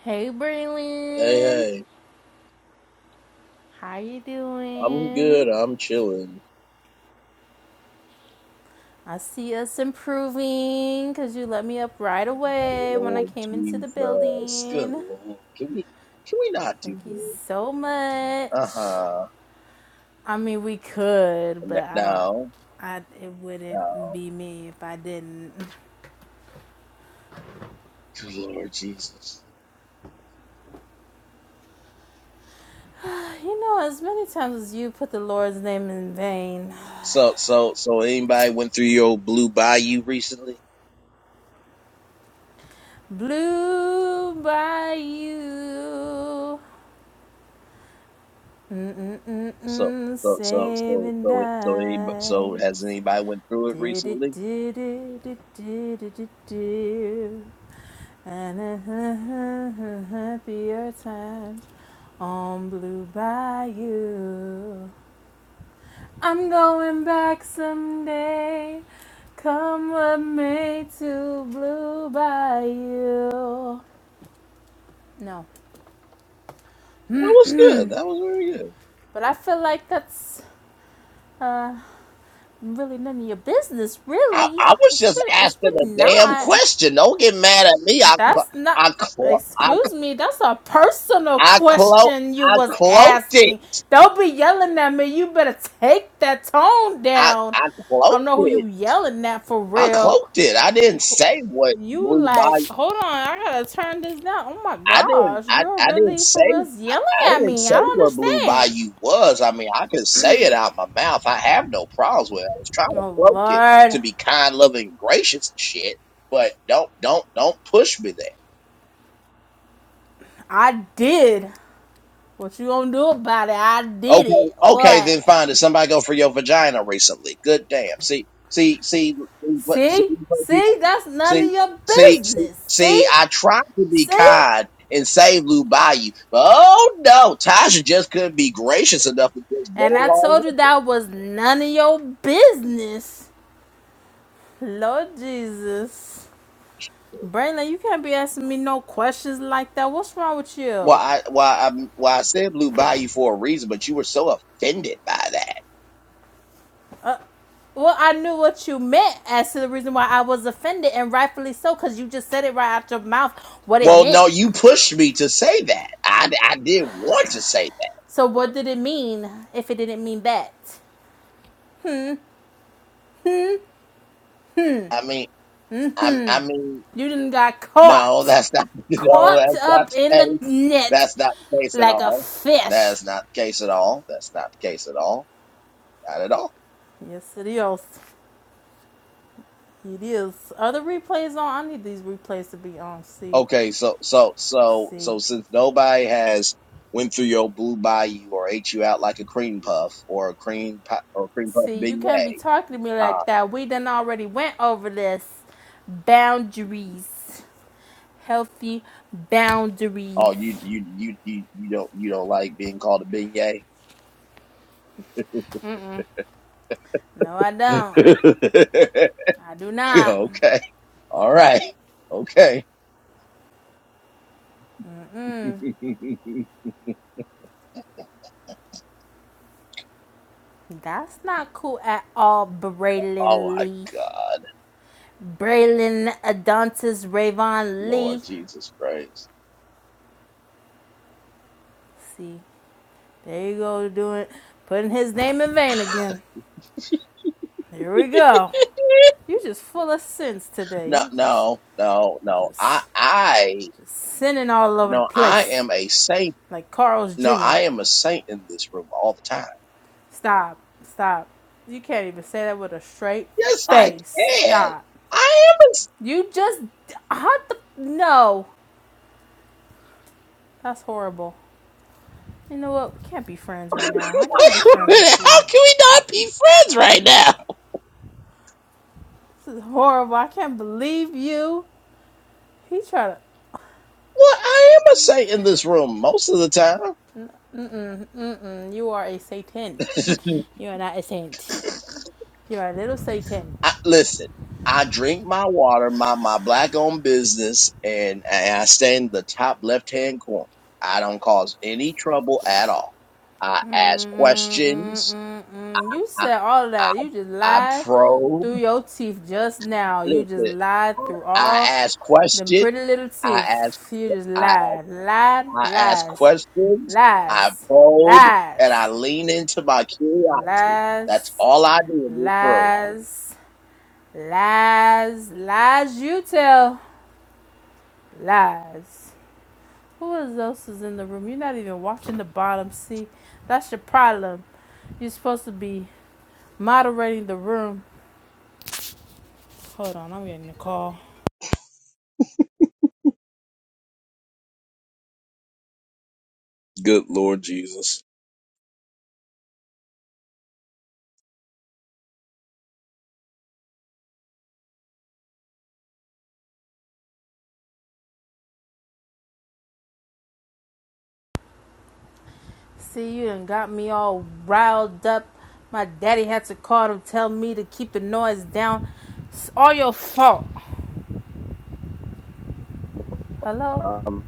Hey Hey, Braylon, hey, how you I'm doing? good. I'm chilling. I see us improving because you let me up right away when I Lord came into the Jesus. Good building. Lord. Can we can we not Thank do you this? so much. Uh-huh. I mean, we could, N- but I don't. No, I it wouldn't no. be me if I didn't. Good Lord Jesus. You know, as many times as you put the Lord's name in vain, So so so anybody went through your old blue bayou recently? blue by you. So Mm-mm-mm-mm, so so so saving so it- so anybody, so dice. has anybody went through it Do do recently? do do do do do do do. And a happier times on Blue Bayou. I'm going back someday. Come with me to Blue Bayou. No, That was good. That was very good. but I feel like that's. uh, really none of your business. I, Really, I was it's just really, it's asking a really damn not. question. Don't get mad at me. I clo- That's not. I clo- I Excuse cl- me. That's a personal I clo- question you I was cloaked it. asking. Don't be yelling at me. You better take that tone I down. I I don't cloaked know who it. you yelling at for I real. cloaked it. I didn't say what You Blue like, Bayou. hold on, I gotta turn this down. Oh my I didn't. gosh, I, you're I didn't really for real say. yelling I at didn't me. say I don't what Blue understand. Bayou was. I mean, I can say it out my mouth. I have no problems with it. I was trying to Oh cloak it Lord, to be kind, loving, gracious and shit. But don't, don't, don't push me there. I did. What you gonna do about it? I did Okay, it. okay, What? then fine. Did somebody go for your vagina recently? Good damn. See, see, see, what- see, See? these other people. See? That's none See, of your see, see, business. see. See? I tried to be See? kind and save Lou Bayou, but oh no, Tasha just couldn't be gracious enough to just go And I along told you with. that was none of your business. Lord Jesus. Braylon, you can't be asking me no questions like that. What's wrong with Well, you? I, why, I, why I said Blue Bayou for a reason, but you were so offended by that. Well, I knew what you meant as to the reason why I was offended, and rightfully so, because you just said it right out your mouth what it Well, meant. no, you pushed me to say that. I, I didn't want to say So, what did it mean if it didn't mean that? that. I mean, I, I mean. You done got No, caught. that's not. No, Caught that's not up the in the case. net That's not the case at like a all. fish. That's not the case at all. That's not the case at all. Not at all. Yes, it is. It is. Other replays on. I need these replays to be on. See, Okay, so so so see, so since nobody has went through your blue bayou or ate you out like a cream puff or a cream pi- or a cream puff see. You can't beignet, be talking to me uh, like that. We done already went over this. Boundaries. Healthy oh you boundaries. you you you you don't you don't like being called a beignet? Mm-mm. No, I don't. I do not. okay, all right, okay. Mm-mm. That's not cool at all, oh Braylon my Lee. God, Braylon Adontis Rayvon Lee. Lord Jesus Christ. Let's See, there you go, doing putting his name in vain again. Here we go. You are just full of sins today. no, You just, no, no, you no. I, just, I, just sinning all over the no, I place, am a saint. like Carl's No, Jr. I am a saint in this room all the time. Stop, stop. You can't even say that with a straight Yes, I face. can. Stop. I am a saint. You just, how the no. That's horrible. You know what? We can't be friends right now. I can't be friends with you. How can we not be friends right now? This is horrible. I can't believe you. He tried to. Well, I am a saint in this room most of the time. Mm-mm, mm-mm. You are a Satan. You are not a saint. You are a little Satan. I, listen, I drink my water, my, my black owned business, and, and I stay in the top left hand corner. I don't cause any trouble at all. I ask questions. Mm-mm-mm-mm-mm. You said all of I that. You just I lied probe. through your teeth just now. You just Listen, lied through I all ask them questions. pretty little I ask teeth. You just I, lied. Lied. I ask Lies. questions. I Lies. probe, and Lies. I lean into my curiosity. That's Lies. all I do in this room. Lies. Lies, lies you tell, lies. Who else is in the room? You're not even watching the bottom. See, that's your problem. You're supposed to be moderating the room. Hold on, I'm getting a call. Good Lord Jesus. See, you done got me all riled up. My daddy had to call to tell me to keep the noise down. It's all your fault. Hello? Um,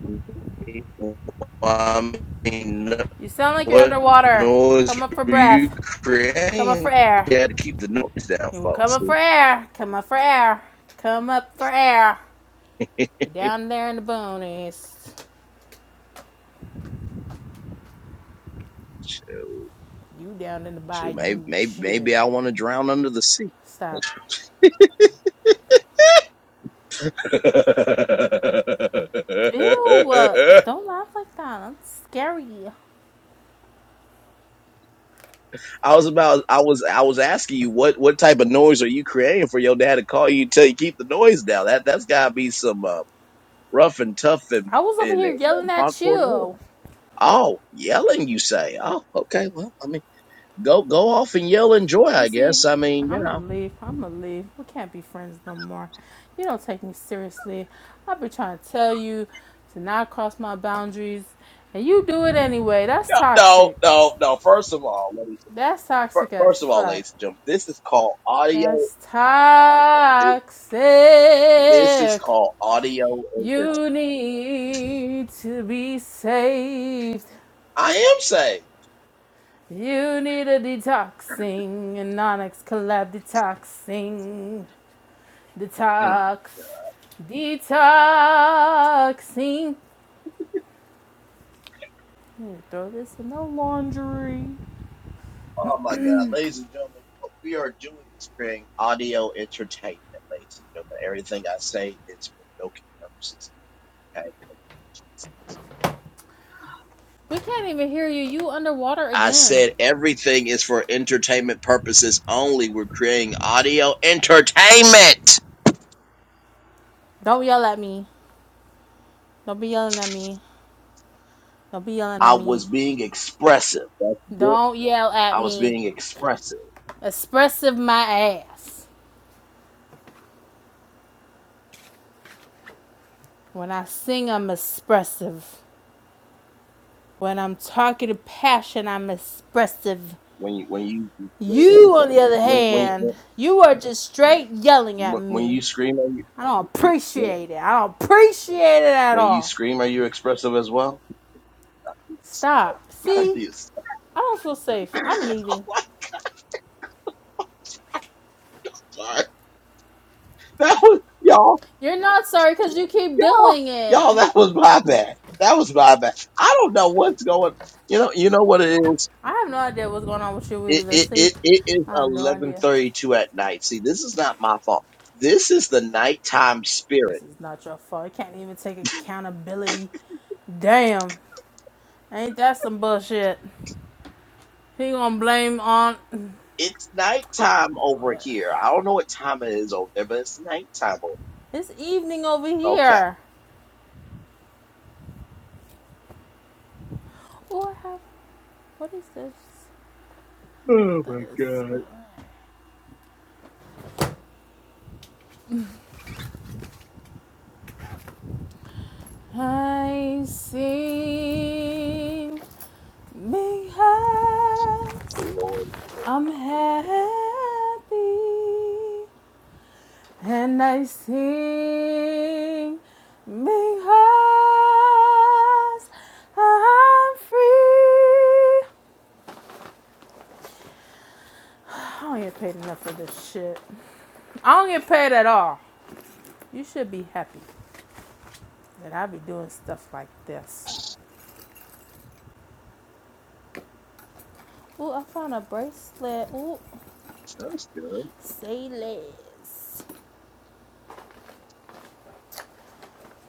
I mean, You sound like you're What underwater. noise Come up for were you breath. Come up for creating? air. You had to keep the noise down, You come folks. up for See? air. Come up for air. Come up for air. You're down there in the bonus. You down in the shoot, maybe, bayou. maybe, Shit. maybe I want to drown under the sea. Stop. Ew. uh, Don't laugh like that. That's scary. I was about I was I was asking you what what type of noise are you creating for your dad to call you until you keep the noise down. That that's gotta be some uh, rough and tough and I was over and, here and yelling um, at hardcore noise. you. Oh, yelling you say. Oh, okay. Well, I mean go go off and yell and joy, You I see, guess. I mean, you I'm gonna know. leave. I'm gonna leave. We can't be friends no more. You don't take me seriously. I've been trying to tell you to not cross my boundaries, and you do it anyway. That's No, no, toxic. no, no. First of all, ladies, That's fir- toxic as first of all, fuck. ladies and gentlemen, this is called audio. That's This, this is toxic. called audio You entertainment. need to be saved. I am saved. You need a detoxing, an Onyx collab detoxing, detox, detoxing. I'm gonna Throw this in the laundry. Oh my God, ladies and gentlemen, what we are doing is creating audio entertainment, ladies and gentlemen. Everything I say is for joking purposes. Okay, We can't even hear you. You underwater I again. said everything is for entertainment purposes only. We're creating audio entertainment. Don't yell at me. Don't be yelling at me. Don't be yelling I at me. was being expressive. That's it. Don't yell at I was me. being expressive Expressive my ass. When I sing, I'm expressive. When I'm talking passion, I'm expressive. when you when you You, on the other when when hand, when, you are just straight yelling at when when me. you scream are you I don't when, appreciate it. I don't appreciate it at when you all. scream are you expressive as well? Stop. See, I don't feel safe. I'm leaving. Sorry. That was y'all. You're not sorry because you keep y'all, doing it. y'all, that was my bad. That was my bad. I don't know what's going. You know, you know what it is. I have no idea what's going on with you It either. it See, it, it is I have no eleven idea. thirty two at night. See, this is not my fault. This is the nighttime This spirit. is not your fault. You can't even take accountability. Damn, ain't that some bullshit? He gonna blame on It's nighttime over here. I don't know what time it is over there, but it's nighttime This evening over over. Okay. here. Oh, I have. What is this? I don't know what Oh that my is. God, But... I sing because Lord, I'm happy, and I sing because I'm free. I don't get paid enough for this shit. I don't get paid at all. You should be happy. that I be doing stuff like this. Ooh, I found a bracelet. Ooh, that's good. say less.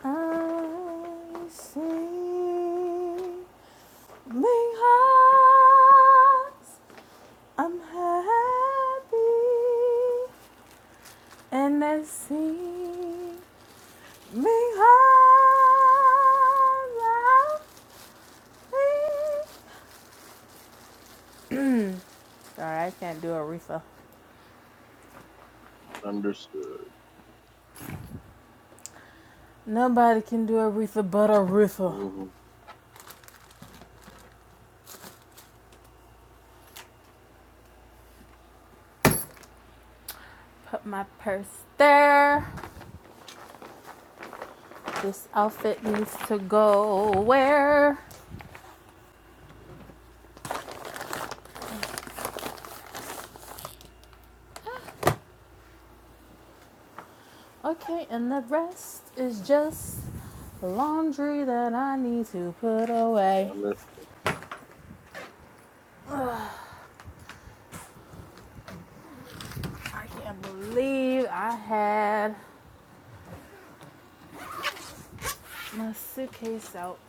I sing Ming hearts. I'm happy, and I sing because I'm free. Sorry, I can't do Aretha. Understood. Nobody can do Aretha but Aretha. hmm Put my purse there. This outfit needs to go where? Okay, and the rest is just laundry that I need to put away. I can't believe I had my suitcase out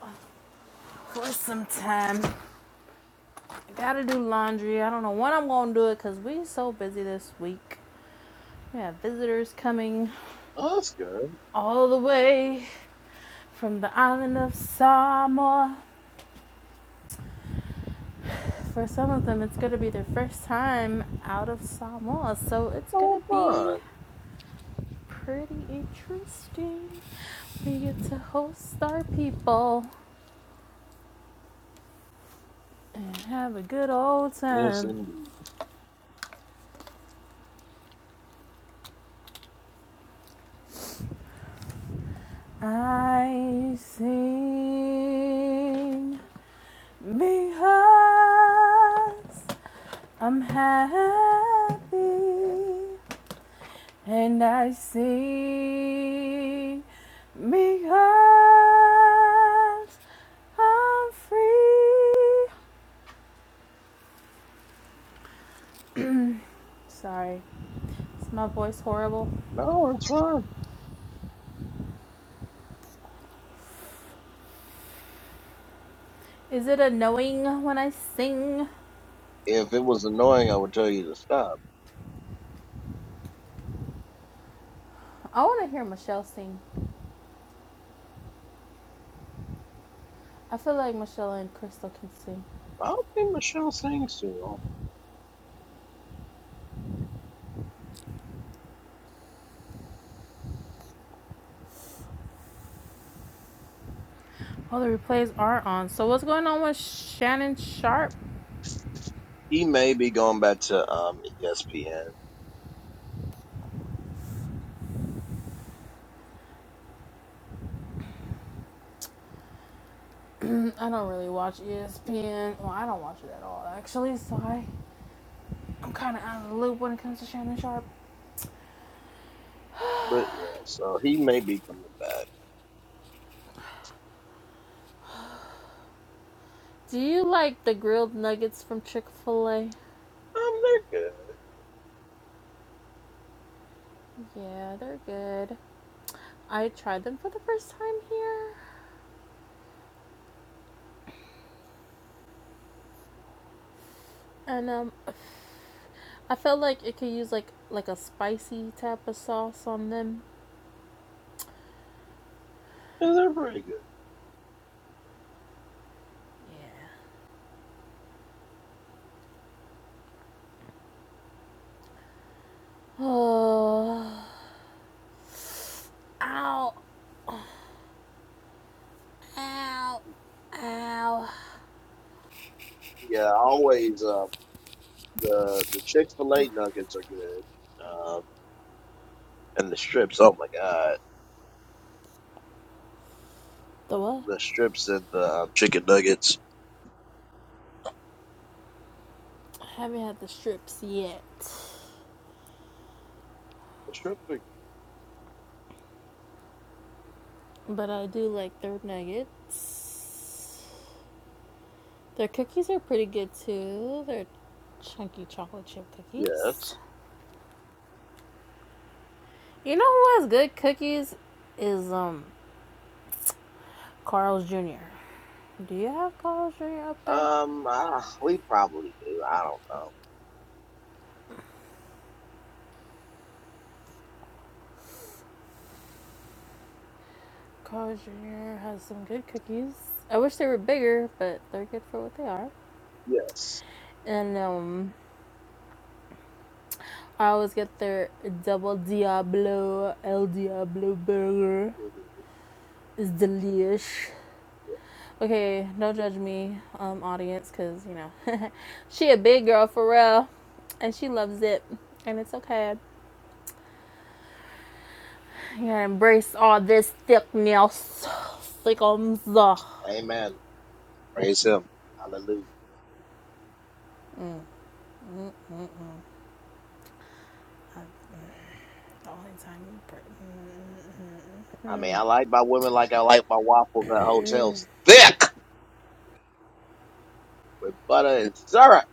for some time. I gotta do laundry. I don't know when I'm gonna do it because we so busy this week. We have visitors coming oh, that's good. all the way from the island of Samoa. For some of them, it's going to be their first time out of Samoa, so it's going to Oh, be fun. pretty interesting. We get to host our people and have a good old Yes, time. indeed. I sing because I'm happy, and I sing because I'm free. Sorry, is my voice horrible? No, it's fine. Is it annoying when I sing? if it was annoying, I would tell you to stop. I want to hear Michelle sing. I feel like Michelle and Crystal can sing. I don't think Michelle sings too long. All the replays are on. So what's going on with Shannon Sharp? He may be going back to um ESPN, I don't really watch ESPN. Well, I don't watch it at all actually. So I, I'm kind of out of the loop when it comes to Shannon Sharp. but yeah, so he may be coming back. Do you like the grilled nuggets from Chick Fil A? Um, they're good. Yeah, they're good. I tried them for the first time here, and um, I felt like it could use like like a spicy type of sauce on them. Yeah, They're pretty good. Yeah. Oh, ow, ow, ow. Yeah, always. Um, the the Chick Fil A nuggets are good. Um, and the strips. Oh my God, The what? the strips and the um, chicken nuggets. I haven't had the strips yet, The strips are but I do like their nuggets. Their cookies are pretty good too. They're chunky chocolate chip cookies. yes. You know who has good cookies is um Carl's Jr. Do you have Carl's Jr. up there? Um, ah, we probably do. I don't know. College Junior has some good cookies. I wish they were bigger, but they're good for what they are. Yes. And um, I always get their double Diablo El Diablo burger. hmm It's delish. Okay, don't judge me, um, audience, because you know she a big girl for real, and she loves it, and it's okay. You gotta embrace all this thickness, thickums. Amen. Praise Him. Hallelujah. Mm-mm-mm. All the time, I mean, I like my women like I like my waffles at hotels thick with butter and syrup.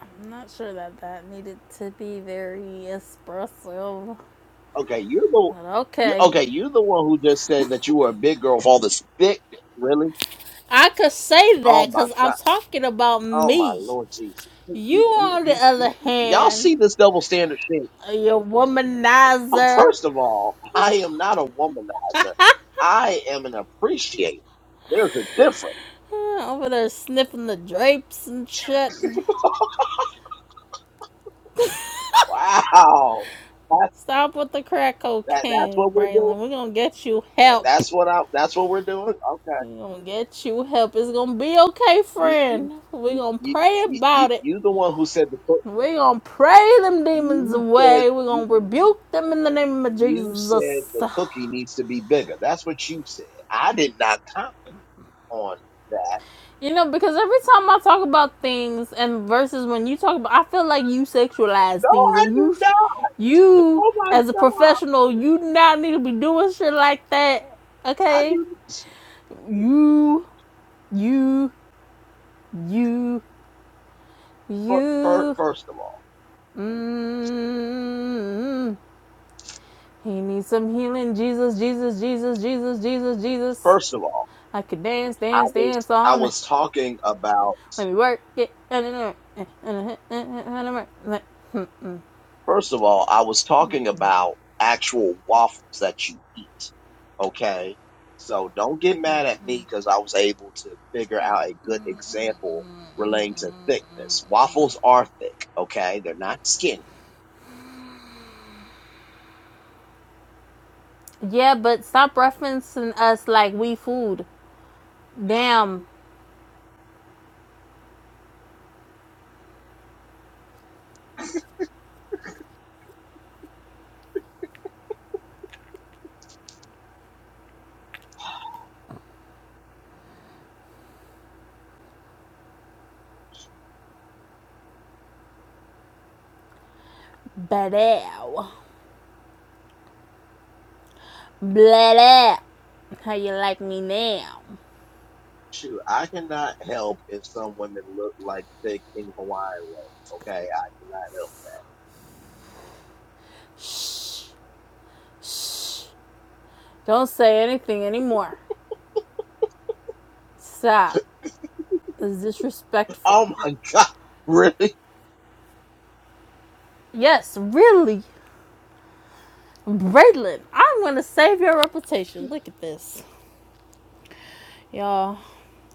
I'm not sure that that needed to be very expressive, Okay, you're the but you okay. okay. You're the one who just said that you were a big girl with all this thick. Really? I could say Oh that my because I'm god. talking about Oh my me. lord Jesus. You- You, you- you- on the you- other you- you- Y'all hand, see this double standard thing? are your Oh, womanizer. First of all, I am not a womanizer. I am an appreciator. There's a difference. Over there sniffing the drapes and shit. Wow. That's Stop with the crack that, that's what cocaine, we're doing. Braylon. We're gonna get you help. That's what I. That's what we're doing. Okay. We're gonna get you help. It's gonna be okay, You, you, friend. We're you, gonna you, pray you, you about it. you the one who said the cook. We're going to pray them demons You said away. We're you, going to rebuke them in the name of you said Jesus. the cookie needs to be bigger. That's what you said. I did not comment on that. You know, because every time I talk about things and versus when you talk about, I feel like you sexualize No, things I and you, do not. you Oh my as a god, professional, you not need to be doing shit like that. I Okay, do. you, you, you, fir- fir- you. First of all, Mm, he needs some healing, Jesus, Jesus, Jesus, Jesus, Jesus, Jesus. first of all, I could dance, I dance, was dance I all night. was talking about. Let me work it. First of all, I was talking about actual waffles that you eat. Okay. So don't get mad at me because I was able to figure out a good example relating to thickness. Waffles are thick. Okay. They're not skinny. Yeah, but stop referencing us like we food. Damn, bladow. Bladow. How you like me now? Shoot, I cannot help if some women look like thick in Hawaiian roll. Okay. I cannot help. Don't say anything anymore. Stop. It's disrespectful. Oh my God. Really? Yes, really. Braylon, I'm gonna save your reputation. Look at this. Y'all,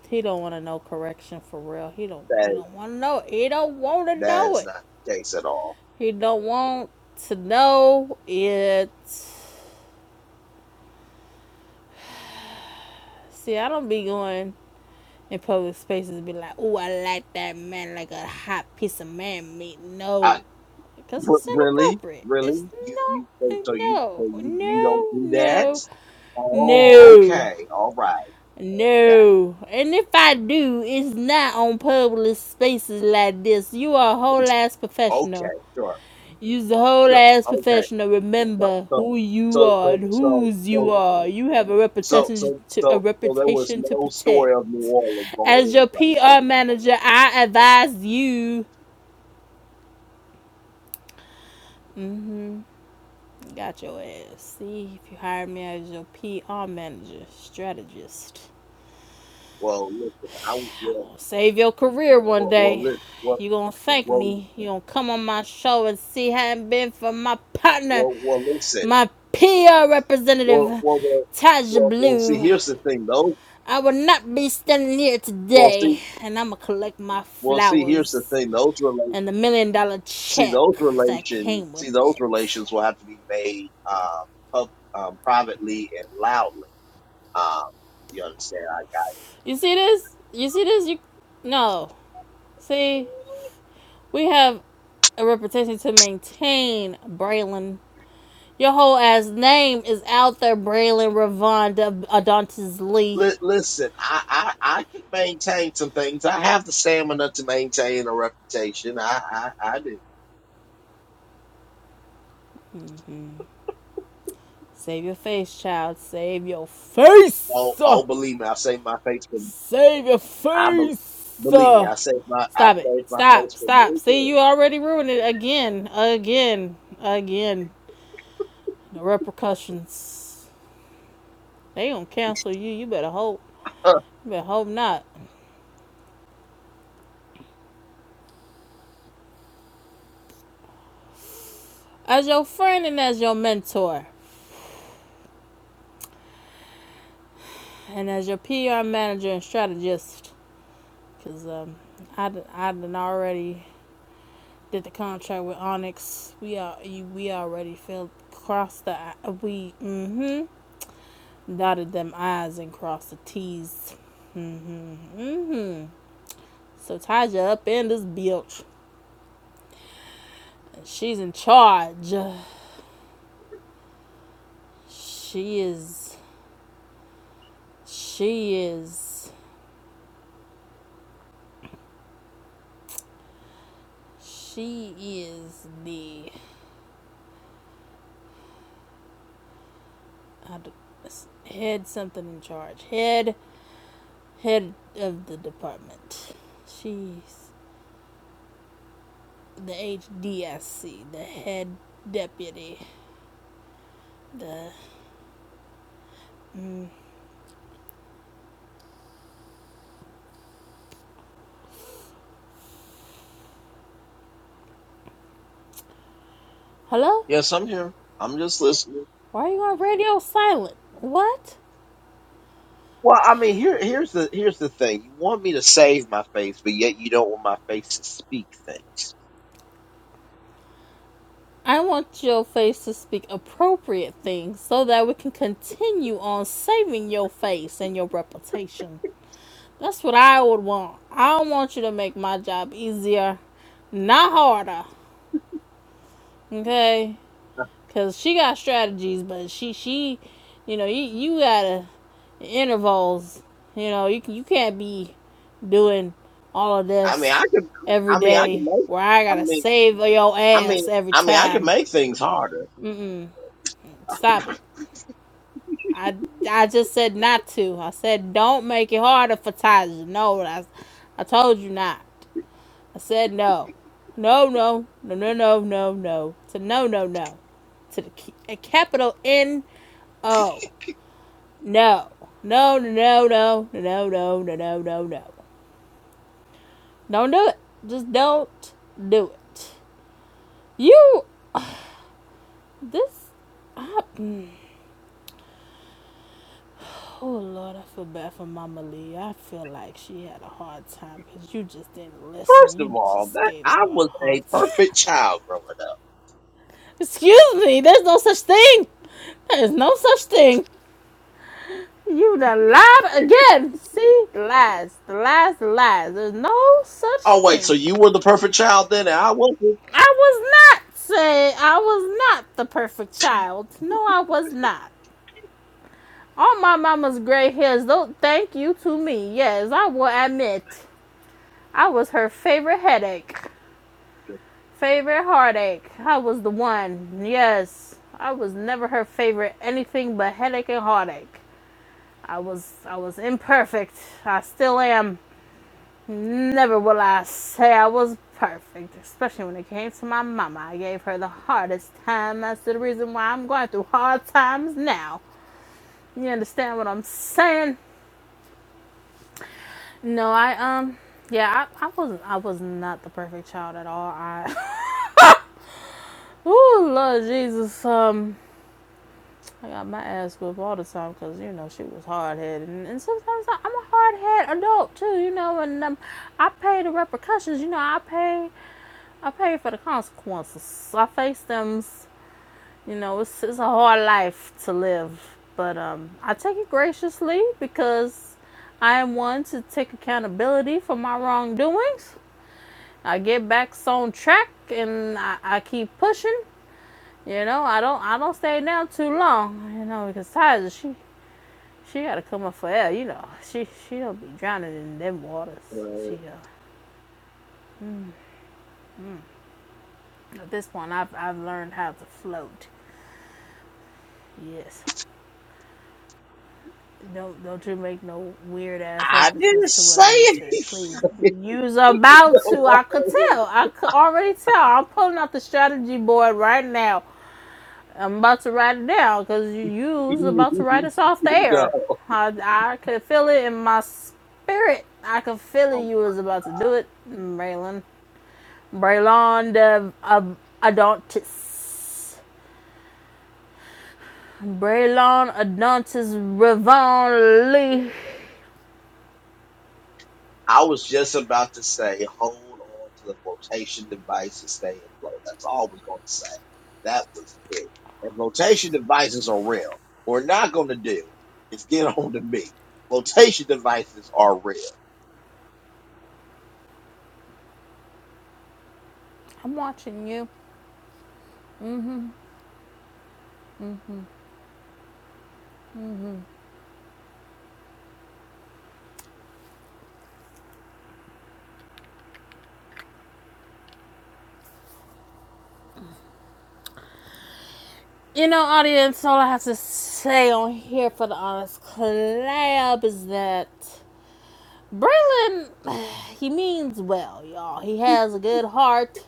he don't want to know correction for real. He don't. He That, don't want to know. It. He don't want to that know is it. not the case at all. He don't want to know it. See, I don't be going in public spaces and be like, "Oh, I like that man like a hot piece of man meat." No, because But it's really, inappropriate. It's really, you not. you so, so you so No, you you don't no, do that? no, Oh, no. okay, all right, yeah, No. And if I do, it's not on public spaces like this. You are a whole ass professional. okay, sure, You's a whole sure, ass okay. professional. So Remember so who you so are so and so whose you so are. You have a so reputation so to a so so there was reputation to no protect. story of New Orleans on the As your replay. PR Okay, manager, I advise you got your ass. See if you hire me as your PR manager, strategist. well listen, I was well Save your career one well well day. listen You gonna thank me. You gonna come on my show and see Hadn't been for my well partner, well well, well listen my PR well representative, well well Taja well well see Blue. here's the thing though I would not be standing here well today, see and I'ma collect my well see here's the flowers thing those relate. and the million dollar see check those that relation came with see those it. relations will have to be made uh, pub, um, privately and loudly. Um, you understand? I, You see this? You see this? You no. See, we have a reputation to maintain, Braylon. Your whole ass name is out there, Braylon Ravonda Adontis Lee. li- listen, I, I I can maintain some things. I have the stamina to maintain a reputation. I I, I do. Save your face, child. Save your Oh face. Uh, oh, believe me, I save my face for Save your I be, face. believe me, Uh. I save my I Stop it. save my Stop. face for Stop. many See, you things. already ruined it again. Again. Again. The repercussions. They gonna cancel you. You better hope. Uh, You better hope not. As your friend and as your mentor, and as your PR manager and strategist, because um, I, I done already did the contract with Onyx. We are we already filled. crossed the we mm-hmm dotted them I's and crossed the T's. So Taja up in this bitch. she's in charge. She is she is she is the I d- s- head something in charge. Head head of the department. She's the HDSC, the head deputy. The hello? yes, I'm here. I'm just listening. Why are you on radio silent? What? Well, I mean, here here's the here's the thing. You want me to save my face, but yet you don't want my face to speak things. I want your face to speak appropriate things so that we can continue on saving your face and your reputation. That's what I would want. I want you to make my job easier, not harder. Okay? Cause she got strategies, but she she, you know, you you gotta intervals. You know, you you can't be doing all of I mean, I this can. every I mean, I can day make. where I I gotta mean, save your I mean, ass every I mean, I can time. make things harder. Mm-mm. Stop it. I I just said not to. I said don't make it harder for Taja. No, I I told you not. I said no, no, no, no, no, no, no, no. To no, no, no. To the ca- a capital N O. No. No, no, no, no, no, no, no, no, no, no. Don't do it. Just don't do it. You, this, I, oh Lord, I feel bad for Mama Lee. I feel like she had a hard time because you just didn't listen. First of You all, just that gave I her a was hard a time. perfect child growing up. Excuse me, there's no such thing. There is no such thing. You done lied again. See, lies, the lies, the lies. There's no such Oh wait, thing. so you were the perfect child then, and I wasn't. I was not saying I was not the perfect child. No, I was not. All my mama's gray hairs don't thank you to me. Yes, I will admit. I was her favorite headache, favorite heartache. I was the one. Yes, I was never her favorite anything but headache and heartache. I was I was imperfect. I still am. Never will I say I was perfect, especially when it came to my mama. I gave her the hardest time. That's the reason why I'm going through hard times now. You understand what I'm saying? No, I um, yeah, I, I wasn't, I was not the perfect child at all. I, oh Lord Jesus, um, I got my ass whipped all the time because you know she was hard headed, and, and sometimes I, I'm a hard headed adult too, you know, and um, I pay the repercussions. You know, I pay. I paid for the consequences. I faced them. You know, it's, it's a hard life to live, but um, I take it graciously because I am one to take accountability for my wrongdoings. I get back on track and I, I keep pushing. You know, I don't I don't stay down too long. You know, because Tizer she she gotta come up for air. You know, she she don't be drowning in them waters. She Uh, uh, at this point I've I've learned how to float. Yes. Don't don't you make no weird ass I references didn't to what I say just said, anything. please. You's about no, to. I could I tell. I could already tell. I'm pulling out the strategy board right now. I'm about to write it down because you you's about to write us off the wasn't. air. no. I I could feel it in my spirit. I could feel it. You was about to do it, Braylon. Braylon the Ab- Adontis. Braylon Adontis Revon Lee. I was just about to say, hold on to the flotation device and stay afloat. That's all I was going to say. That was it. And flotation devices are real. What we're not going to do is get on to me. Flotation devices are real. I'm watching you. You know, audience, all I have to say on here for the Honest Collab is that Braylon, he means well, y'all. He has a good heart.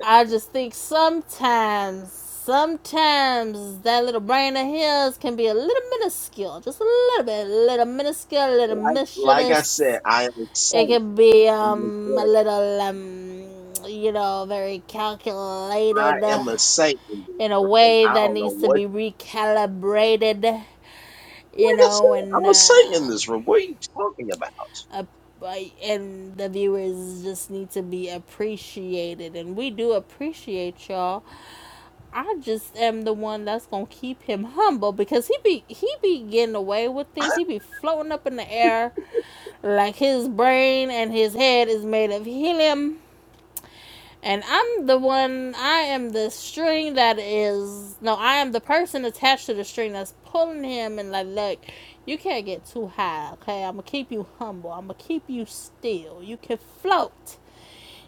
I just think sometimes, sometimes that little brain of his can be a little minuscule. Just a little bit, a little minuscule, a little Like, like I mischievous. said, I am a It saint can be in this um a world. little um you know very I calculated am a saint in this in a room. way I that don't know needs to what. be recalibrated, you Like I know, said, and I'm a saint in uh, this room. What are you talking about? a- I- and the viewers just need to be appreciated, and we do appreciate y'all. I just am the one that's gonna keep him humble because he be he be getting away with things. He be floating up in the air like his brain and his head is made of helium And I'm the one, I am the string that is, no, I am the person attached to the string that's pulling him and like, look, you can't get too high, okay? I'm gonna keep you humble. I'm gonna keep you still. You can float.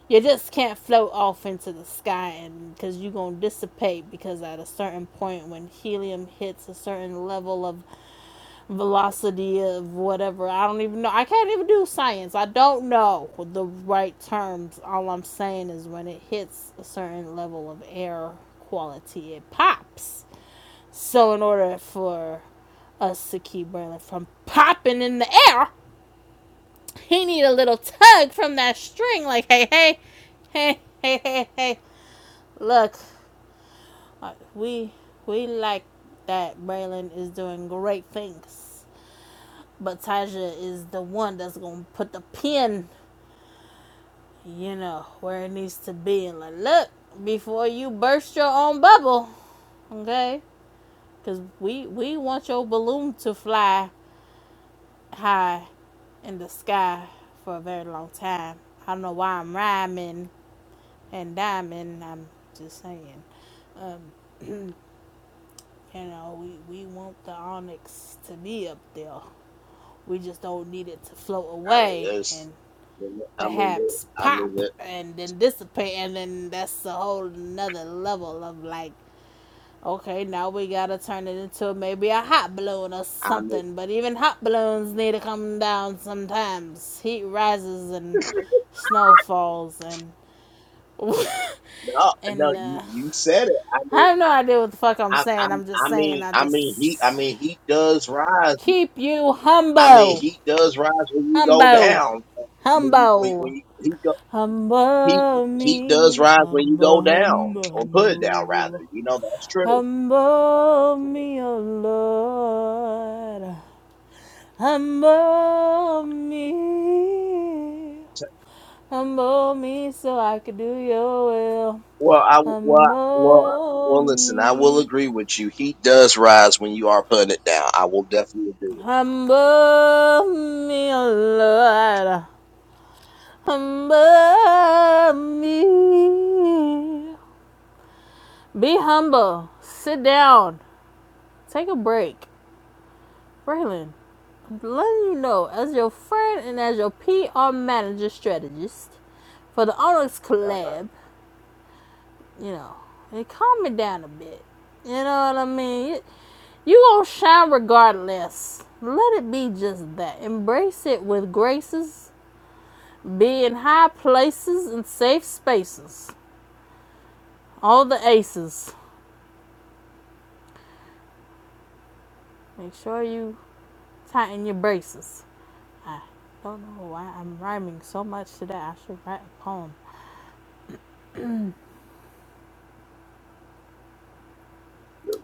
You just can't float off into the sky and because you're gonna dissipate because at a certain point when helium hits a certain level of velocity of whatever. I don't even know. I can't even do science. I don't know the right terms. All I'm saying is when it hits a certain level of air quality, it pops. So, in order for us to keep Braylon from popping in the air, he need a little tug from that string, like, hey, hey, hey, hey, hey, hey. Look, uh, we we like that Braylon is doing great things But Taja is the one that's gonna put the pin, you know, where it needs to be, and like, look, before you burst your own bubble, okay? Because we we want your balloon to fly high in the sky for a very long time. I don't know why I'm rhyming and diamond. I'm just saying, you know, we we want the onyx to be up there. We just don't need it to float I mean, away there's. and I mean, perhaps I mean, pop and then dissipate and then that's a whole another level of like okay now we gotta turn it into maybe a hot balloon or I mean. something but even hot balloons need to come down sometimes heat rises and snow falls and No, no, and uh, you you said it. I i mean, have no I, idea what the fuck i'm I, I, saying i'm just I saying mean, i I mean, he, I just mean, he does rise. keep you I mean, humble he does rise when you go humble down. When you, when, humble when you, he go, heat, Humble heat does me, rise when you go humble, down humble, or put it down, rather. humble. You know that's true. Humble me, O Lord. Humble me. So- Humble me so I can do your will. Well, I well well Humble well. Listen, I will me. agree with you. Heat does rise when you are putting it down. I will definitely agree. With Humble me, O Lord. Humble me. Be humble. Sit down. Take a break. Braylon, I'm letting you know, as your friend and as your PR manager strategist for the Onyx collab, you know, and calm it down a bit. You know what I mean? You, you gonna shine regardless. Let it be just that. Embrace it with graces. Be in high places and safe spaces. All the aces. Make sure you tighten your braces. I don't know why I'm rhyming so much today. I should write a poem.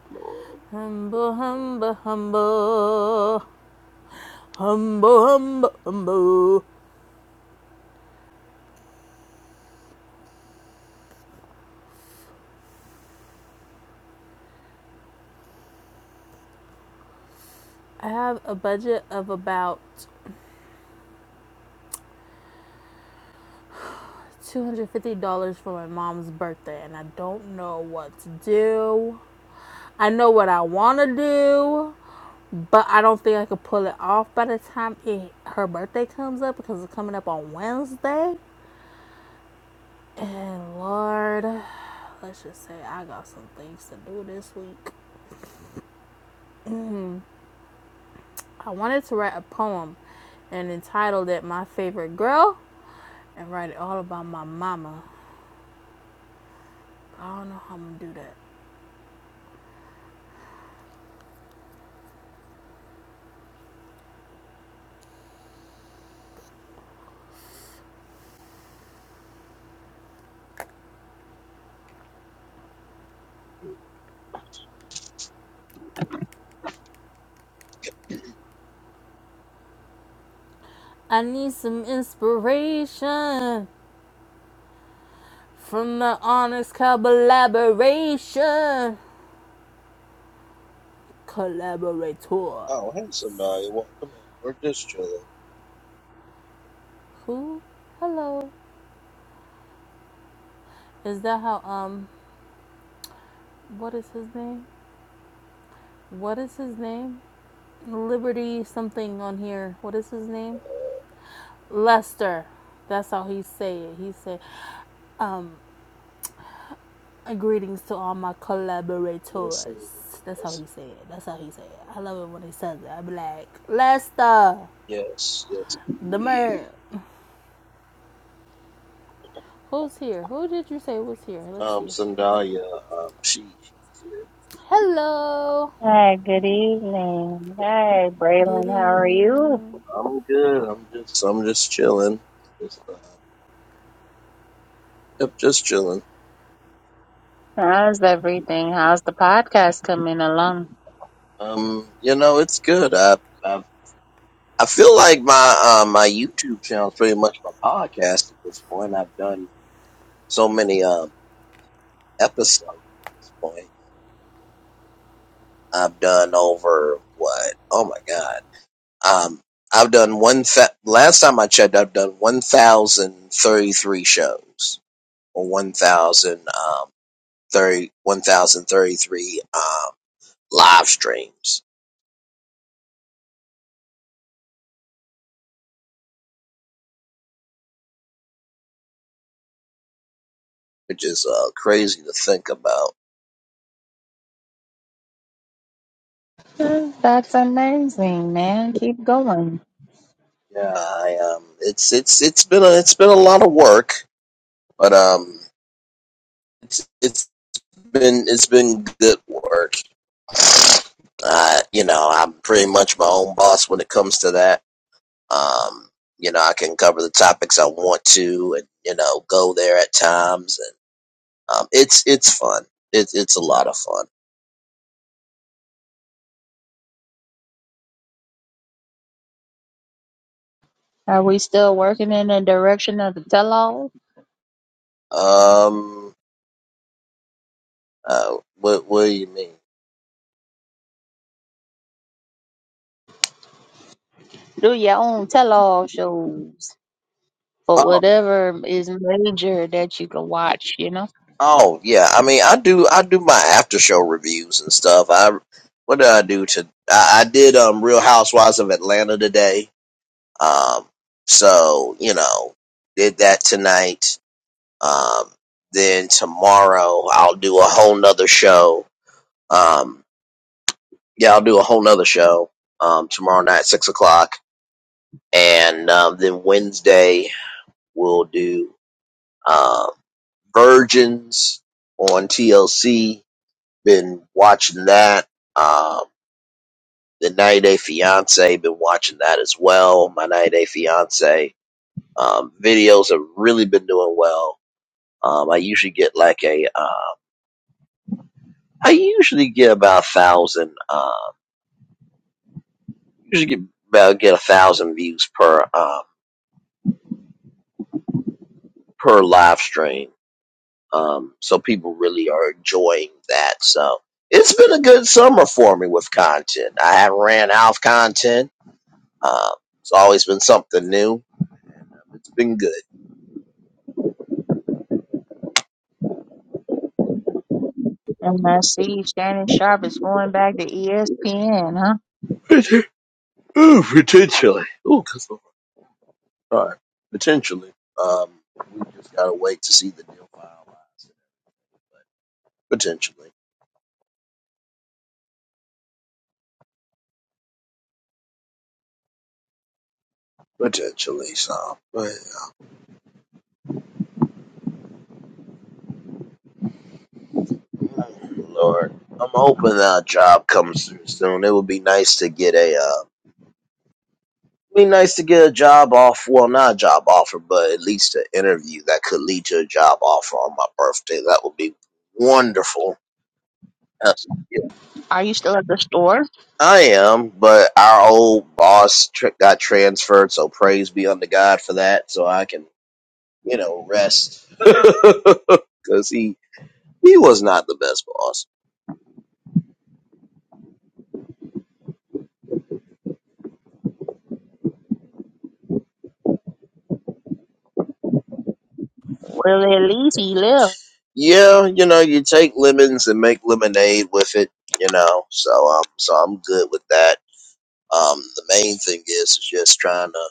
you, Lord. Humble, humble, humble. Humble, humble, humble. I have a budget of about $250 for my mom's birthday, and I don't know what to do. I know what I want to do, but I don't think I could pull it off by the time it, her birthday comes up because it's coming up on Wednesday. And Lord, let's just say I got some things to do this week. I wanted to write a poem and entitled it My Favorite Girl and write it all about my mama. I don't know how I'm gonna do that. I need some inspiration from the honest collaboration. Collaborator. Oh, hey, somebody, welcome in. We're just chilling. Who? Hello. Is that how, um, what is his name? What is his name? Liberty something on here. What is his name? Lester. That's how he say it. He say, um, And greetings to all my Yes, sir. collaborators. That's how he said. it. That's how he said. it. I love it when he says it. I be like, Lester, yes, yes. the man. Who's here? Who did you say was here? Let's Um, see. Sandalia, um, she, she's here. Hello. Hi, good evening. Hi, Good Braylon, how are you? evening. I'm good. I'm just, I'm just chilling. Just, uh, yep, just chilling. How's everything? How's the podcast coming along? Um, you know, it's good. I, I, I feel like my, uh, my YouTube channel is pretty much my podcast at this point. I've done so many, um, episodes at this point. I've done over what? Oh my God. Um, I've done one, th- last time I checked, I've done 1,033 shows or 1,000, 30 1,033 um, live streams, which is uh, crazy to think about. Mm, That's amazing, man. Keep going. Yeah, I, um, it's it's it's been a, it's been a lot of work, but um, it's it's been it's been good work. Uh, you know, I'm pretty much my own boss when it comes to that. Um, you know, I can cover the topics I want to, and you know, go there at times, and um, it's it's fun. It's it's a lot of fun. Are we still working in the direction of the tell all? Um, uh, what what do you mean? Do your own tell all shows for Oh, whatever is major that you can watch, you know? oh yeah. I mean, I do. I do my after show reviews and stuff. I what did I do to? I, I did um Real Housewives of Atlanta today. Um, so you know, did that tonight. Um, then tomorrow I'll do a whole nother show. Um, yeah, I'll do a whole nother show. Um, tomorrow night six o'clock, and um, then Wednesday we'll do um Virgins on TLC been watching that. Um, the 90 Day Fiance, been watching that as well. My 90 Day Fiance um, videos have really been doing well. Um, I usually get like a, uh, I usually get about a thousand, uh, usually get about get a thousand views per um, per live stream. Um, so people really are enjoying that. So it's been a good summer for me with content. I haven't ran out of content. Uh, it's always been something new. It's been good. And I see Shannon Sharp is going back to ESPN, huh? Ooh, potentially. Ooh, that's all right. Potentially. Um, we just gotta wait to see the deal finalized. Potentially. Potentially. So, but, Lord, I'm hoping that a job comes through soon. It would be nice to get a. Uh, be nice to get a job off. Well, not a job offer, but at least an interview that could lead to a job offer on my birthday. That would be wonderful. Are you still at the store? I am, but our old boss tr- got transferred, so praise be unto God for that. So I can, you know, rest because he he was not the best boss. Well, at least he left. Yeah, you know, you take lemons and make lemonade with it. You know, so um, so I'm good with that. Um, the main thing is, is just trying to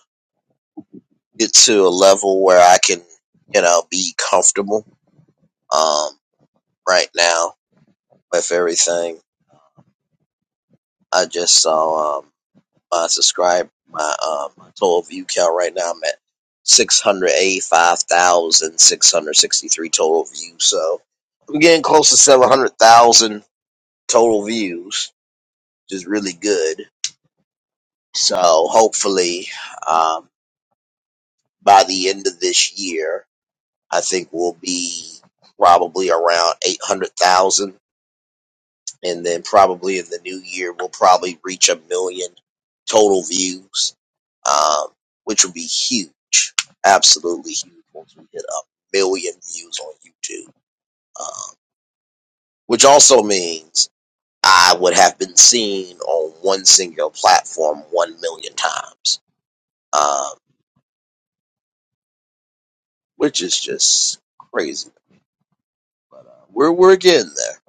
get to a level where I can, you know, be comfortable. Um, right now with everything, I just saw. um. my subscribe my um my total view count right now. I'm at six hundred eighty five thousand six hundred sixty three total views. So I'm getting close to seven hundred thousand total views, which is really good. So hopefully, um, by the end of this year, I think we'll be probably around eight hundred thousand and then probably in the new year we'll probably reach a million total views, um, which would be huge, absolutely huge once we hit a million views on YouTube. Um, which also means I would have been seen on one single platform one million times, um, which is just crazy. We're we're getting there.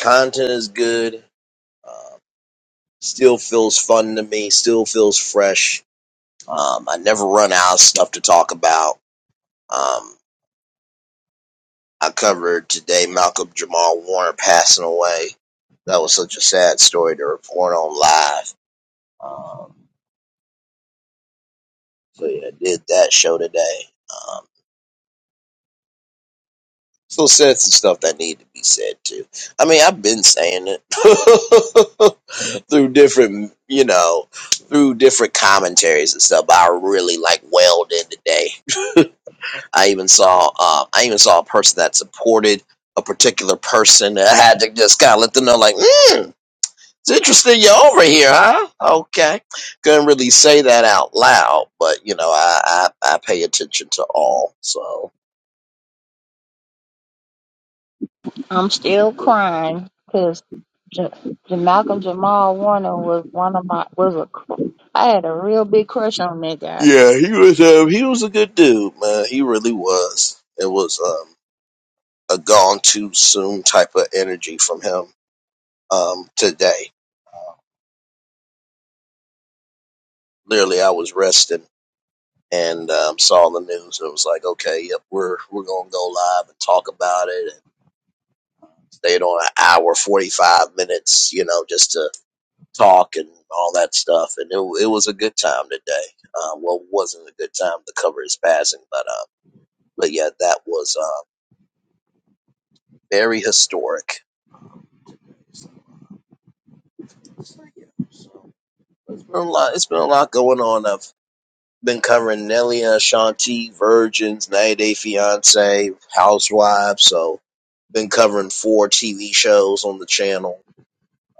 Content is good. Um, still feels fun to me. Still feels fresh Um, I never run out of stuff to talk about. Um, I covered today Malcolm Jamal Warner passing away. That was such a sad story to report on live. Um, so yeah, I did that show today. Um, still said some stuff that needed to be said too. I mean, I've been saying it through different, you know, through different commentaries and stuff. But I really like welled in today I even saw um, I even saw a person that supported a particular person. I had to just kind of let them know, like, mm, it's interesting you're over here, huh? Okay, couldn't really say that out loud, but you know, I I, I pay attention to all. So I'm still crying because J- J- Malcolm Jamal Warner was one of my was a. cr- I had a real big crush on that guy. yeah, he was uh, he was a good dude, man. He really was. It was um, a gone too soon type of energy from him um, today. Literally, I was resting and um, saw the news. It was like, okay, yep, we're we're gonna go live and talk about it, and stayed on an hour, forty five minutes, you know, just to talk and all that stuff. And it it was a good time today. Uh, well, wasn't a good time to cover his passing, but um, but yeah, that was uh, very historic. So, yeah, so it's been a lot. It's been a lot going on. I've Been covering Nelly and Ashanti, Virgins, 90 Day Fiance, Housewives. So, been covering four TV shows on the channel,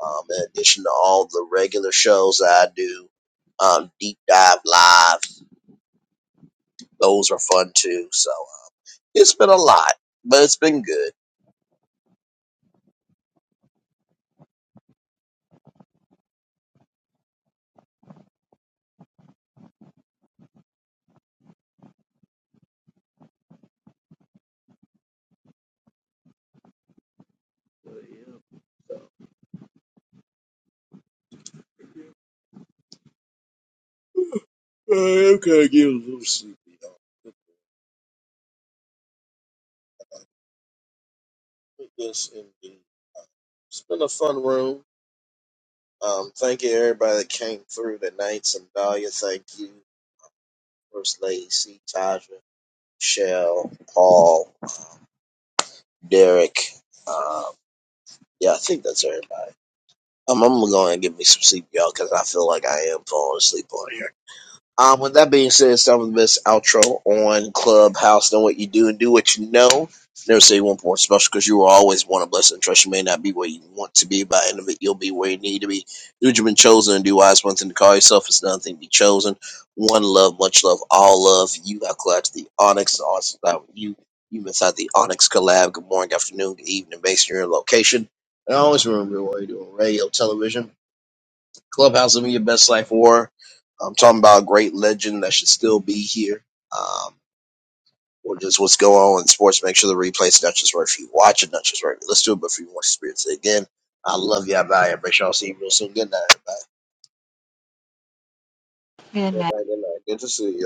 um, in addition to all the regular shows that I do. Um, deep dive live, those are fun too. So, uh, it's been a lot, but it's been good. Uh, I'm gonna get a little sleepy. y'all. But Put this in the. It's been a fun room. Um, thank you everybody that came through tonight. Sandalia, thank you. First Lady C, Taja, Michelle, Paul, Derek. Um, yeah, I think that's everybody. Um, I'm gonna go and get me some sleep, y'all, because I feel like I am falling asleep on here. Um, with that being said, it's time for the best outro on Clubhouse. Know what you do and do what you know. Never say one more special because you were always one of blessing. Trust you may not be where you want to be, but end of it, you'll be where you need to be. Do what you've been chosen and do wise one thing to call yourself. It's nothing to be chosen. One love, much love, all love. You have collabed the Onyx. Awesome. Uh, You, you inside the Onyx collab. Good morning, good afternoon, good evening, based on your location. And always remember what you are doing. radio, television. Clubhouse living your best life war. I'm talking about a great legend that should still be here. Um, or just what's going on in sports. Make sure the replay's not just right for you. Watch it, not just right. Let's do it, but for you want to experience it again. I love you. I value you. I appreciate you. I'll see you real soon. Good night, everybody. Good night. Good night, good night. Good to see you.